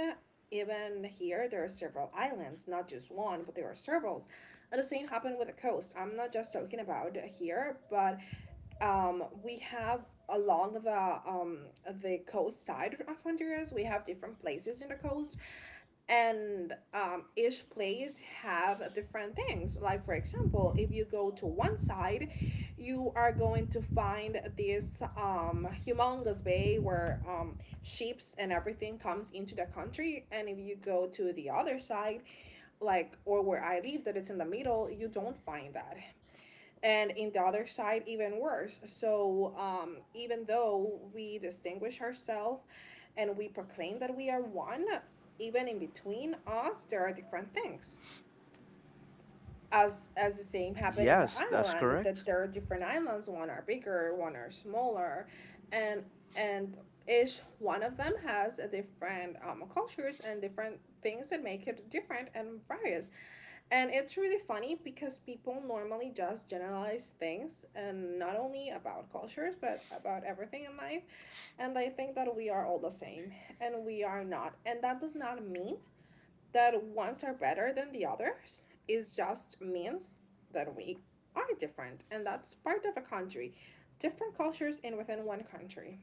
Speaker 1: Even here, there are several islands, not just one, but there are several. And the same happened with the coast. I'm not just talking about here, but we have along the the coast side of Honduras. We have different places in the coast and each place have different things. Like for example, if you go to one side, you are going to find this humongous bay where ships and everything comes into the country. And if you go to the other side, like or where I live, that it's in the middle, you don't find that. And in the other side, even worse. So even though we distinguish ourselves and we proclaim that we are one, even in between us there are different things, as the same happened in
Speaker 2: Yes,
Speaker 1: the
Speaker 2: that's
Speaker 1: island,
Speaker 2: correct.
Speaker 1: that there are different islands, one are bigger, one are smaller. And and each one of them has a different cultures and different things that make it different and various. And it's really funny because people normally just generalize things, and not only about cultures but about everything in life. And I think that we are all the same, and we are not. And that does not mean that ones are better than the others. It just means that we are different, and that's part of a country. Different cultures in within one country.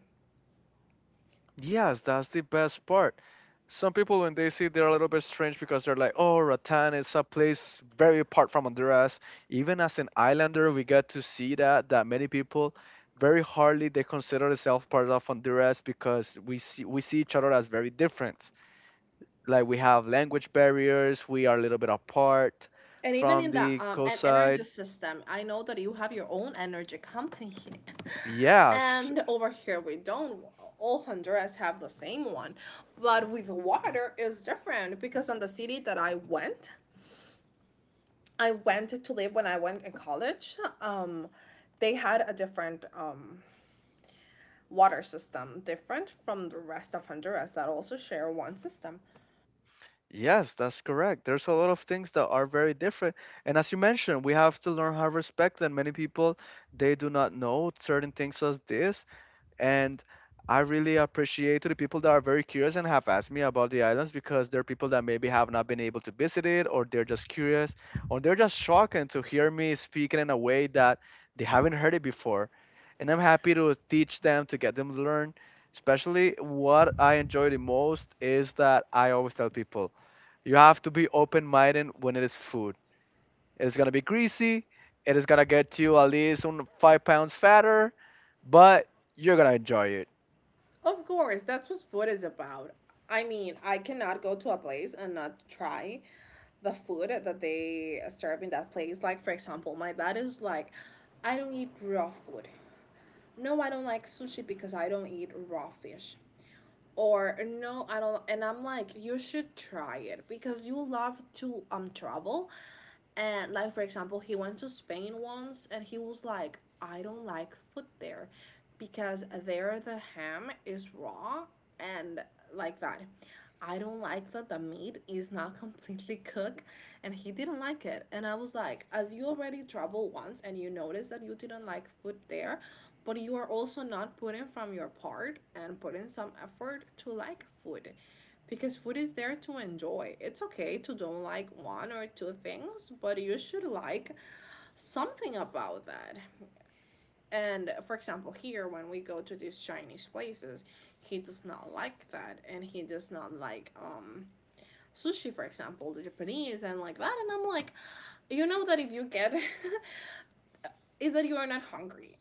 Speaker 2: Yes, that's the best part. Some people, when they see, they're a little bit strange because they're like, "Oh, Rattan is a place very apart from Honduras." Even as an islander, we get to see that many people very hardly they consider themselves part of Honduras because we see each other as very different. Like, we have language barriers, we are a little bit apart
Speaker 1: And even
Speaker 2: from
Speaker 1: in the
Speaker 2: the coast
Speaker 1: an energy
Speaker 2: side.
Speaker 1: system, I know that you have your own energy company,
Speaker 2: Yes,
Speaker 1: and over here we don't. All Honduras have the same one, but with water is different, because in the city that I went to live when I went in college. They had a different water system, different from the rest of Honduras that also share one system.
Speaker 2: yes, that's correct. There's a lot of things that are very different. And as you mentioned, we have to learn how to respect them. Many people, they do not know certain things as this, and I really appreciate to the people that are very curious and have asked me about the islands because there are people that maybe have not been able to visit it, or they're just curious, or they're just shocked to hear me speaking in a way that they haven't heard it before. And I'm happy to teach them, to get them to learn. Especially what I enjoy the most is that I always tell people you have to be open minded. When it is food, it's gonna be greasy. It is gonna get you at least 5 pounds fatter, but you're gonna enjoy it.
Speaker 1: Of course, that's what food is about. I mean, I cannot go to a place and not try the food that they serve in that place. Like, for example, my dad is like, "I don't eat raw food. No, I don't like sushi because I don't eat raw fish." Or, "No, I don't," and I'm like, "You should try it because you love to travel." And like for example, he went to Spain once and he was like, "I don't like food there because there the ham is raw and like that. I don't like that the meat is not completely cooked," and he didn't like it. And I was like, "As you already traveled once and you notice that you didn't like food there, but you are also not putting from your part and putting some effort to like food, because food is there to enjoy. It's okay to don't like one or two things, but you should like something about that." And for example, here when we go to these Chinese places, he does not like that, and he does not like sushi for example, the Japanese and like that. And I'm like, "You know that if you get is that you are not hungry,"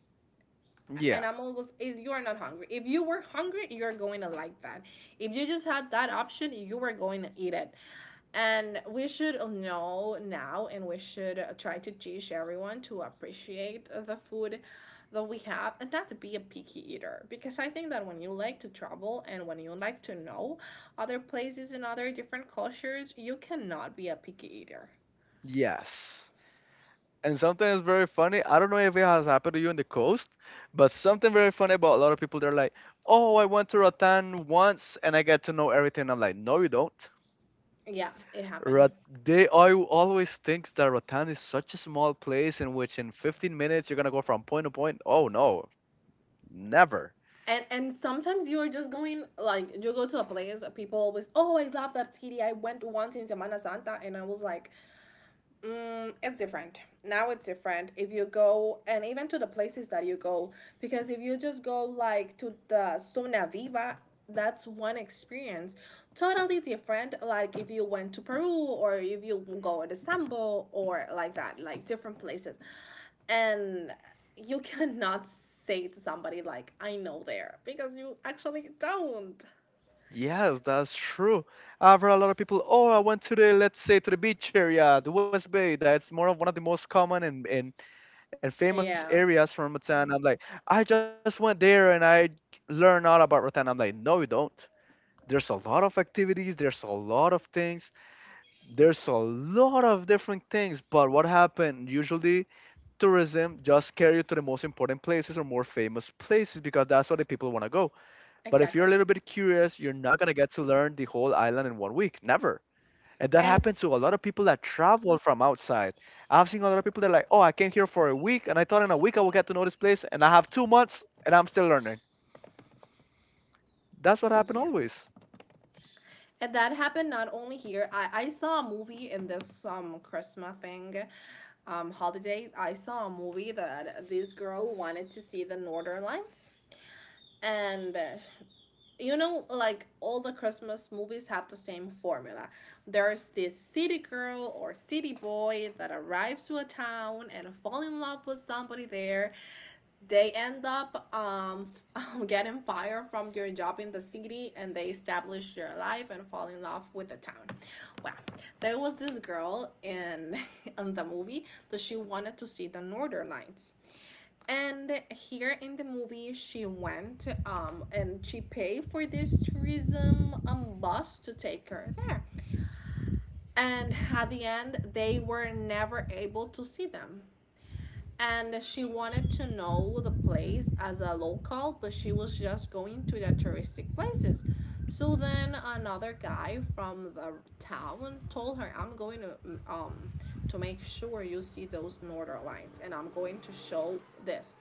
Speaker 1: and
Speaker 2: Yeah.
Speaker 1: I'm always, "You are not hungry. If you were hungry, you're going to like that. If you just had that option, you were going to eat it." And we should know now, and we should try to teach everyone to appreciate the food that we have, and not to be a picky eater, because I think that when you like to travel and when you like to know other places and other different cultures, you cannot be a picky eater.
Speaker 2: Yes. And something is very funny. I don't know if it has happened to you in the coast, but something very funny about a lot of people. They're like, "Oh, I went to Rotan once and I get to know everything." I'm like, "No, you don't."
Speaker 1: Yeah, it happened.
Speaker 2: Rot- they, I always think that Rotan is such a small place in which in 15 minutes you're gonna go from point to point. Oh no, never.
Speaker 1: And sometimes you're just going, like you go to a place, people always, "Oh, I love that city, I went once in Semana Santa," and I was like, "Mm, it's different. Now it's different." If you go, and even to the places that you go, because if you just go like to the Zona Viva, that's one experience. Totally different. Like if you went to Peru or if you go to Istanbul or like that, like different places. And you cannot say to somebody like, "I know there," because you actually don't.
Speaker 2: Yes, that's true. I've heard a lot of people, oh, I went to the, let's say, to the beach area, the West Bay. That's more of one of the most common and famous
Speaker 1: Yeah,
Speaker 2: areas from Rotan. I'm like, I just went there and I learned all about Rotan. I'm like, no, you don't. There's a lot of activities, there's a lot of things, there's a lot of different things. But what happened? Usually, tourism just carry you to the most important places or more famous places because that's where the people want to go. But if you're
Speaker 1: exactly.
Speaker 2: a little bit curious, you're not going to get to learn the whole island in one week. Never. And that
Speaker 1: And
Speaker 2: happens to a lot of people that travel from outside. I've seen a lot of people that are like, oh, I came here for a week and I thought in a week I will get to know this place. And I have 2 months and I'm still learning. That's what happened
Speaker 1: yeah.
Speaker 2: always.
Speaker 1: And that happened not only here. I saw a movie in this Christmas thing, holidays. I saw a movie that this girl wanted to see the Northern Lights. And you know, like all the Christmas movies have the same formula. There's this city girl or city boy that arrives to a town and fall in love with somebody there. They end up getting fired from your job in the city, and they establish their life and fall in love with the town. Well, there was this girl in in the movie that she wanted to see the northern lights. And here in the movie, she went and she paid for this tourism bus to take her there, and at the end they were never able to see them. And she wanted to know the place as a local, but she was just going to the touristic places. So then another guy from the town told her, "I'm going um to make sure you see those northern lights, and I'm going to show this."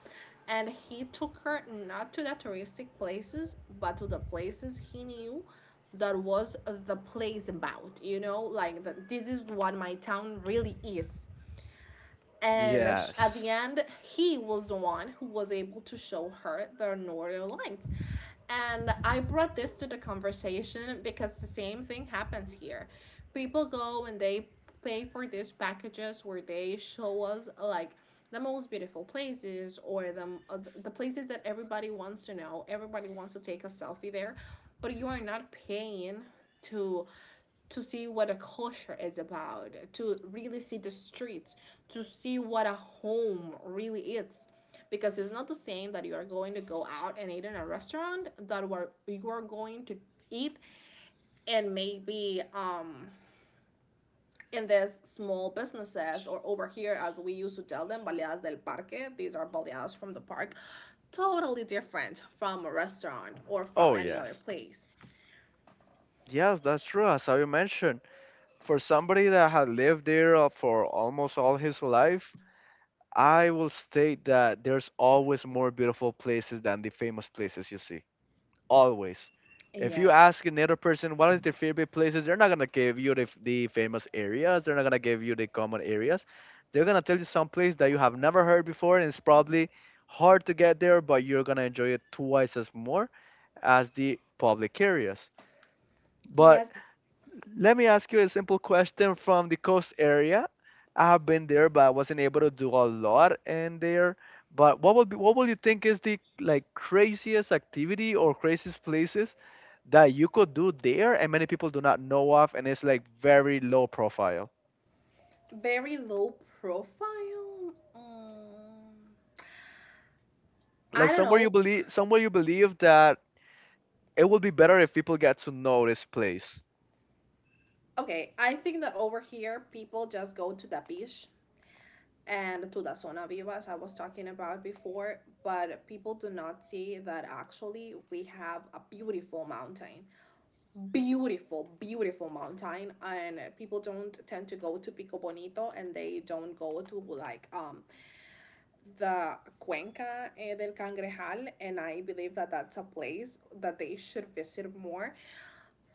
Speaker 1: And he took her not to the touristic places, but to the places he knew, that was the place about. You know, like, the, this is what my town really is. And at the
Speaker 2: Yes.
Speaker 1: end he was the one who was able to show her the northern lights. And I brought this to the conversation because the same thing happens here. People go and they pay for these packages where they show us like the most beautiful places, or the places that everybody wants to know, everybody wants to take a selfie there. But you are not paying to to see what a culture is about, to really see the streets, to see what a home really is. Because it's not the same that you are going to go out and eat in a restaurant, that where you are going to eat, and maybe in these small businesses, or over here as we used to tell them, baleadas del parque, these are baleadas from the park, totally different from a restaurant or from
Speaker 2: Oh,
Speaker 1: any other
Speaker 2: yes.
Speaker 1: place.
Speaker 2: Yes, that's true. As you mentioned, for somebody that had lived there for almost all his life, I will state that there's always more beautiful places than the famous places you see. Always. If you
Speaker 1: Yes.
Speaker 2: ask another person what is their favorite places, they're not gonna give you the, the famous areas. They're not gonna give you the common areas. They're gonna tell you some place that you have never heard before, and it's probably hard to get there, but you're gonna enjoy it twice as more as the public areas. But
Speaker 1: Yes,
Speaker 2: let me ask you a simple question from the coast area. I have been there, but I wasn't able to do a lot in there. But what would be, what would you think is the, like, craziest activity or craziest places that you could do there and many people do not know of and it's like very low profile?
Speaker 1: very low profile.
Speaker 2: Like,
Speaker 1: I don't know.
Speaker 2: somewhere you believe that it would be better if people get to know this place.
Speaker 1: Okay, I think that over here people just go to the beach and to the zona viva as I was talking about before, but people do not see that actually we have a beautiful mountain. Beautiful, beautiful mountain. And people don't tend to go to Pico Bonito, and they don't go to like the Cuenca, eh, del Cangrejal, and I believe that that's a place that they should visit more.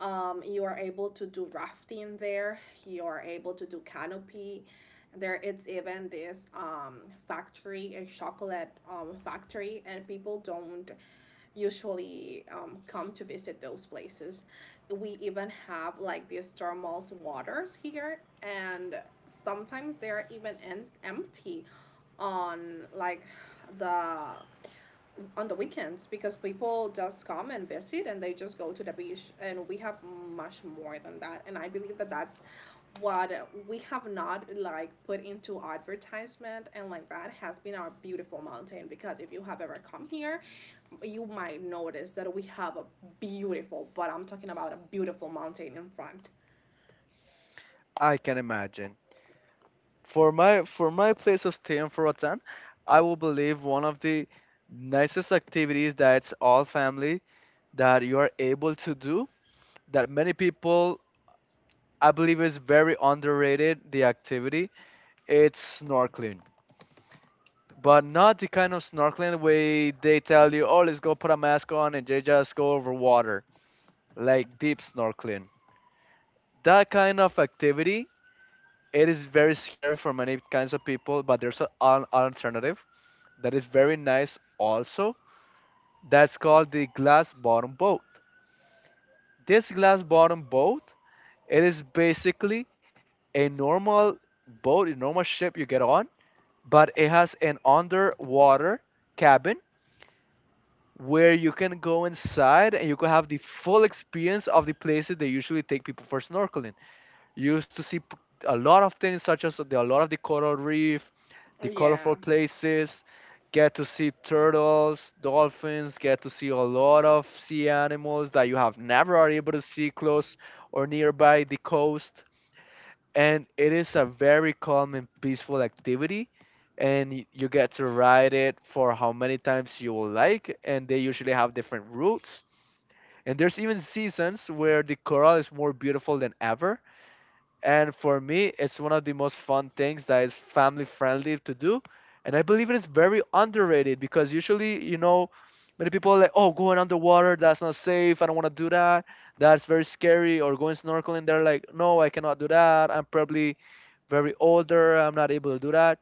Speaker 1: You are able to do rafting there. You are able to do canopy. There is even this factory, a chocolate factory, and people don't usually come to visit those places. We even have like these thermal waters here, and sometimes they're even empty on like the on the weekends, because people just come and visit and they just go to the beach, and we have much more than that. And I believe that that's what we have not like put into advertisement. And like that has been our beautiful mountain, because if you have ever come here, you might notice that we have a beautiful, but I'm talking about a beautiful mountain in front.
Speaker 2: I can imagine. For my place of stay in Roatan, I will believe one of the nicest activities that's all family that you are able to do that many people I believe is very underrated the activity. It's snorkeling. But not the kind of snorkeling where they tell you, oh, let's go put a mask on and they just go over water, like, deep snorkeling. That kind of activity, it is very scary for many kinds of people, but there's an alternative that is very nice also. That's called the glass bottom boat. This glass bottom boat, it is basically a normal boat, a normal ship you get on, but it has an underwater cabin where you can go inside and you can have the full experience of the places they usually take people for snorkeling. You used to see a lot of things, such as the, a lot of the coral reef, the colorful
Speaker 1: Yeah,
Speaker 2: places. Get to see turtles, dolphins. Get to see a lot of sea animals that you have never are able to see close or nearby the coast. And it is a very calm and peaceful activity. And you get to ride it for how many times you will like. And they usually have different routes. And there's even seasons where the coral is more beautiful than ever. And for me, it's one of the most fun things that is family friendly to do. And I believe it is very underrated because usually, many people are like, oh, going underwater, that's not safe. I don't want to do that. That's very scary. Or going snorkeling, they're like, no, I cannot do that. I'm probably very older. I'm not able to do that.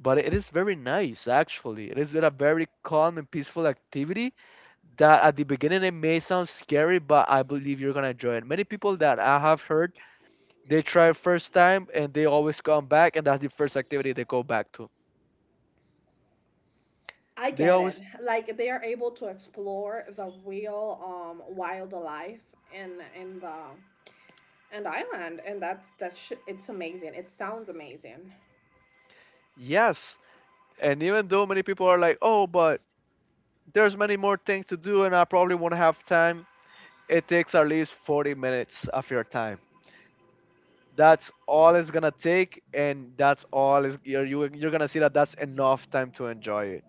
Speaker 2: But it is very nice, actually. It is a very calm and peaceful activity that at the beginning it may sound scary, but I believe you're going to enjoy it. Many people that I have heard they try first time and they always come back, and that's the first activity they go back to.
Speaker 1: I
Speaker 2: They
Speaker 1: get it.
Speaker 2: always,
Speaker 1: Like they are able to explore the real wildlife in the and Island, and that's it's amazing. It sounds amazing.
Speaker 2: yes. And even though many people are like, oh, but there's many more things to do, and I probably won't have time, it takes at least 40 minutes of your time. That's all it's gonna take, and that's all is you're gonna see that that's enough time to enjoy it.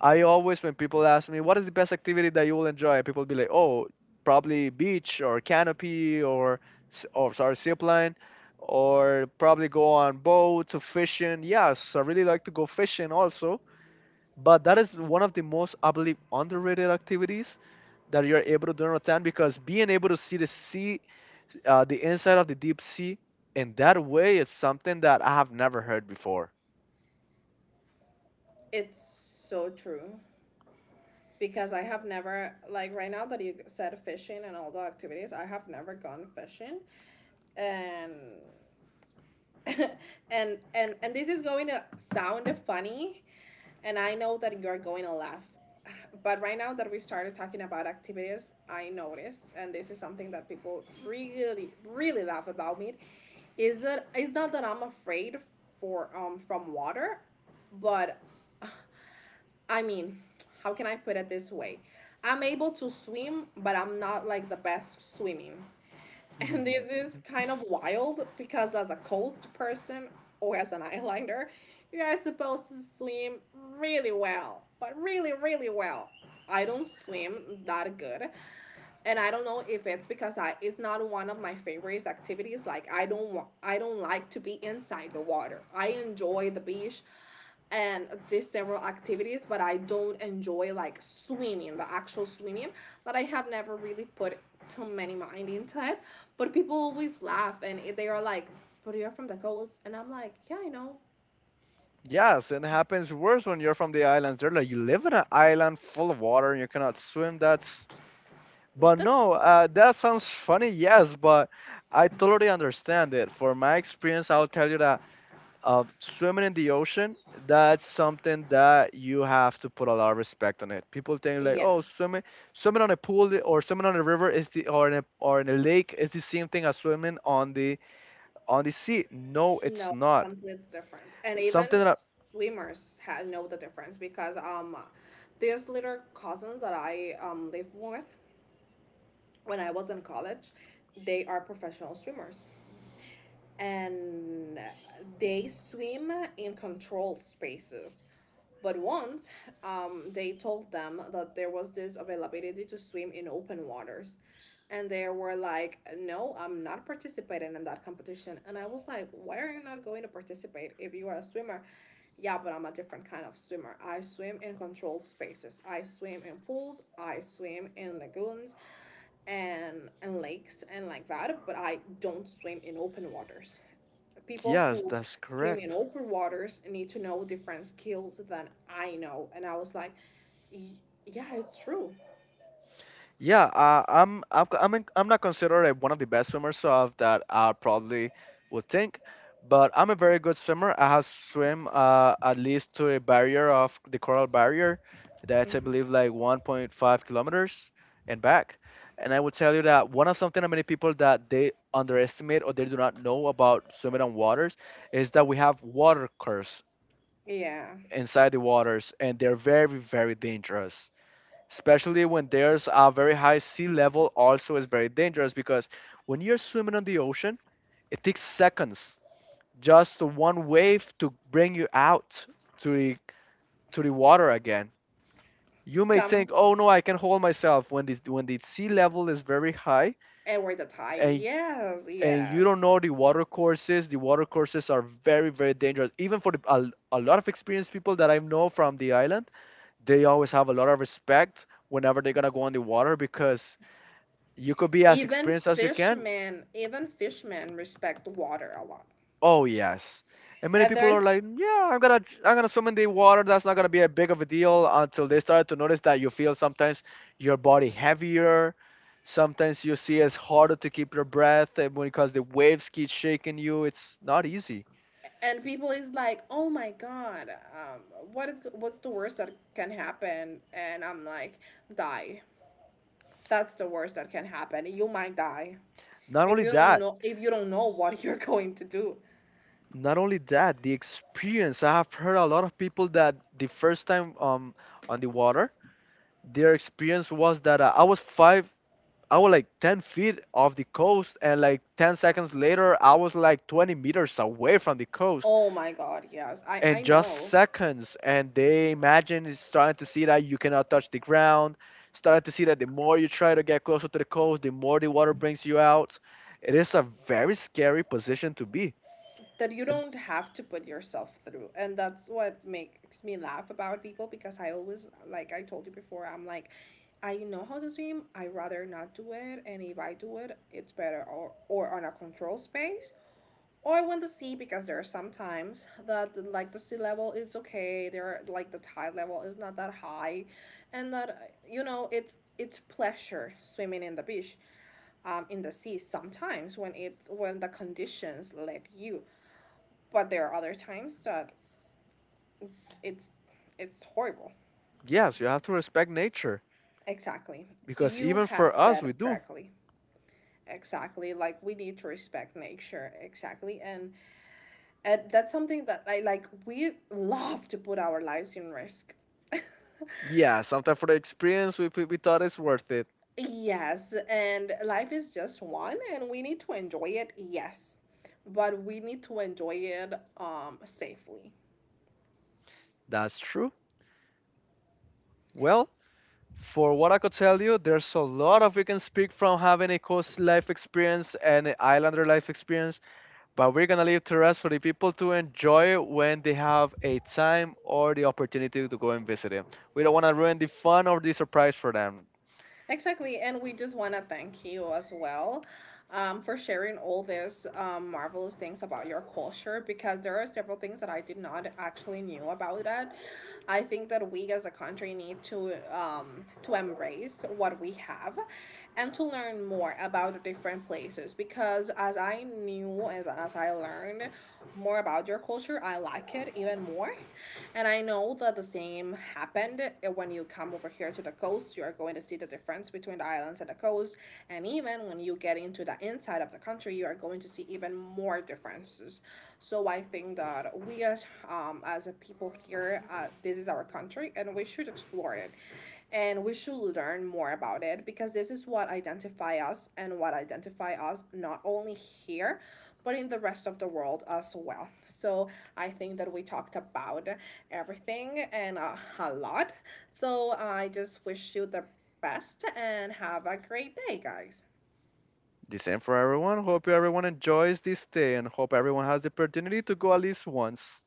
Speaker 2: I always, when people ask me, what is the best activity that you will enjoy? People be like, oh, probably beach or canopy or, sorry, zip line, or probably go on boat to fishing. Yes, I really like to go fishing also. But that is one of the most, I believe, underrated activities that you're able to do on time because being able to see the sea, the inside of the deep sea in that way is something that I have never heard before.
Speaker 1: It's so true, because I have never, like right now that you said fishing and all the activities, I have never gone fishing, and and this is going to sound funny, and I know that you're going to laugh. But right now that we started talking about activities, I noticed, and this is something that people really, really laugh about me, is that it's not that I'm afraid for from water, but I mean, how can I put it this way, I'm able to swim but I'm not like the best swimming. And this is kind of wild, because as a coast person, or as an eyeliner, you are supposed to swim really well, but really, really well. I don't swim that good, and I don't know if it's because I, it's not one of my favorite activities. Like I don't want, I don't like to be inside the water. I enjoy the beach and did several activities, but I don't enjoy like swimming, the actual swimming. But I have never really put too many mind into it. But people always laugh and they are like, "But you're from the coast," and I'm like, "Yeah, I know."
Speaker 2: Yes, and it happens worse when you're from the islands. They're like, you live in an island full of water and you cannot swim. That's. But
Speaker 1: That's
Speaker 2: no, that sounds funny, yes, but I totally understand it. For my experience, I'll tell you that swimming in the ocean, that's something that you have to put a lot of respect on it. People think like, oh,
Speaker 1: yes,
Speaker 2: swimming, swimming on a pool or swimming on a river is the or in a lake is the same thing as swimming on the sea. No, it's
Speaker 1: no,
Speaker 2: not.
Speaker 1: something's different. And even
Speaker 2: Something that,
Speaker 1: know the difference because these little cousins that I live with when I was in college, they are professional swimmers. And they swim in controlled spaces. But once, they told them that there was this availability to swim in open waters. And they were like, no, I'm not participating in that competition. And I was like, why are you not going to participate if you are a swimmer? Yeah, but I'm a different kind of swimmer. I swim in controlled spaces. I swim in pools. I swim in lagoons and lakes and like that. But I don't swim in open waters. People
Speaker 2: yes,
Speaker 1: who
Speaker 2: that's
Speaker 1: swim in
Speaker 2: correct.
Speaker 1: open waters need to know different skills than I know. And I was like, "Y- yeah, it's true."
Speaker 2: Yeah, I'm I've, I'm in, I'm not considered one of the best swimmers of that I probably would think, but I'm a very good swimmer. I have swim at least to a barrier of the coral barrier, that's I
Speaker 1: Hmm.
Speaker 2: believe like 1.5 kilometers and back. And I would tell you that one of something that many people that they underestimate or they do not know about swimming on waters is that we have water curves
Speaker 1: Yeah.
Speaker 2: inside the waters and they're very very dangerous, especially when there's a very high sea level, also is very dangerous because when you're swimming on the ocean it takes seconds, just one wave to bring you out to the water again. You may
Speaker 1: Come
Speaker 2: think, oh no, I can hold myself when the sea level is very high,
Speaker 1: and we're the tide.
Speaker 2: and
Speaker 1: Yes,
Speaker 2: and you
Speaker 1: yes.
Speaker 2: don't know the water courses. The water courses are very very dangerous even for a lot of experienced people that I know from the island. They always have a lot of respect whenever they're gonna go on the water because you could be as experienced as you can.
Speaker 1: Even fishmen respect water a lot.
Speaker 2: Oh yes. And many
Speaker 1: And
Speaker 2: people
Speaker 1: there's,
Speaker 2: are like, yeah, I'm gonna swim in the water. That's not gonna be a big of a deal until they start to notice that you feel sometimes your body heavier. Sometimes you see it's harder to keep your breath, and when because the waves keep shaking you, it's not easy.
Speaker 1: and people is like, oh my god, um, what is what's the worst that can happen? And I'm like, die. That's the worst that can happen. You might die.
Speaker 2: Not
Speaker 1: If
Speaker 2: only
Speaker 1: you don't
Speaker 2: that,
Speaker 1: know, if you don't know what you're going to do.
Speaker 2: not only that, the experience. I have heard a lot of people that the first time on the water, their experience was that I was like 10 feet off the coast, and like 10 seconds later, I was like 20 meters away from the coast,
Speaker 1: Oh my god, yes. I
Speaker 2: and
Speaker 1: I
Speaker 2: just
Speaker 1: know
Speaker 2: seconds. And they imagine is starting to see that you cannot touch the ground, starting to see that the more you try to get closer to the coast, the more the water brings you out. It is a very scary position to be.
Speaker 1: that you
Speaker 2: And
Speaker 1: don't have to put yourself through. And that's what makes me laugh about people because I always, like I told you before, I'm like, I know how to swim. I rather not do it, and if I do it, it's better, or on a control space, or I want to see because there are some times that, like, the sea level is okay, there are, like, the tide level is not that high, and that, you know, it's pleasure swimming in the beach, in the sea sometimes when it's when the conditions let you, but there are other times that it's it's horrible.
Speaker 2: yes, you have to respect nature
Speaker 1: Exactly,
Speaker 2: because
Speaker 1: you
Speaker 2: even
Speaker 1: have
Speaker 2: for us,
Speaker 1: said
Speaker 2: we
Speaker 1: it
Speaker 2: do.
Speaker 1: correctly. Exactly, like we need to respect nature exactly, and that's something that I like. We love to put our lives in risk.
Speaker 2: Yeah, sometimes for the experience, we thought it's worth it.
Speaker 1: Yes, and life is just one, and we need to enjoy it. Yes, but we need to enjoy it safely.
Speaker 2: That's true. Well, for what I could tell you, there's a lot of we can speak from having a coast life experience and an islander life experience, but we're gonna leave the rest for the people to enjoy when they have a time or the opportunity to go and visit it. We don't wanna ruin the fun or the surprise for them.
Speaker 1: Exactly, and we just want to thank you as well, for sharing all these marvelous things about your culture because there are several things that I did not actually knew about that. I think that we as a country need to, to embrace what we have and to learn more about different places because as I knew, as I learned more about your culture, I like it even more. And I know that the same happened when you come over here to the coast, you are going to see the difference between the islands and the coast. And even when you get into the inside of the country, you are going to see even more differences. So I think that we as, as a people here, this is our country, and we should explore it, and we should learn more about it because this is what identify us and what identify us not only here but in the rest of the world as well. So I think that we talked about everything and, a lot. So I just wish you the best and have a great day, guys.
Speaker 2: The same for everyone. Hope everyone enjoys this day and hope everyone has the opportunity to go at least once.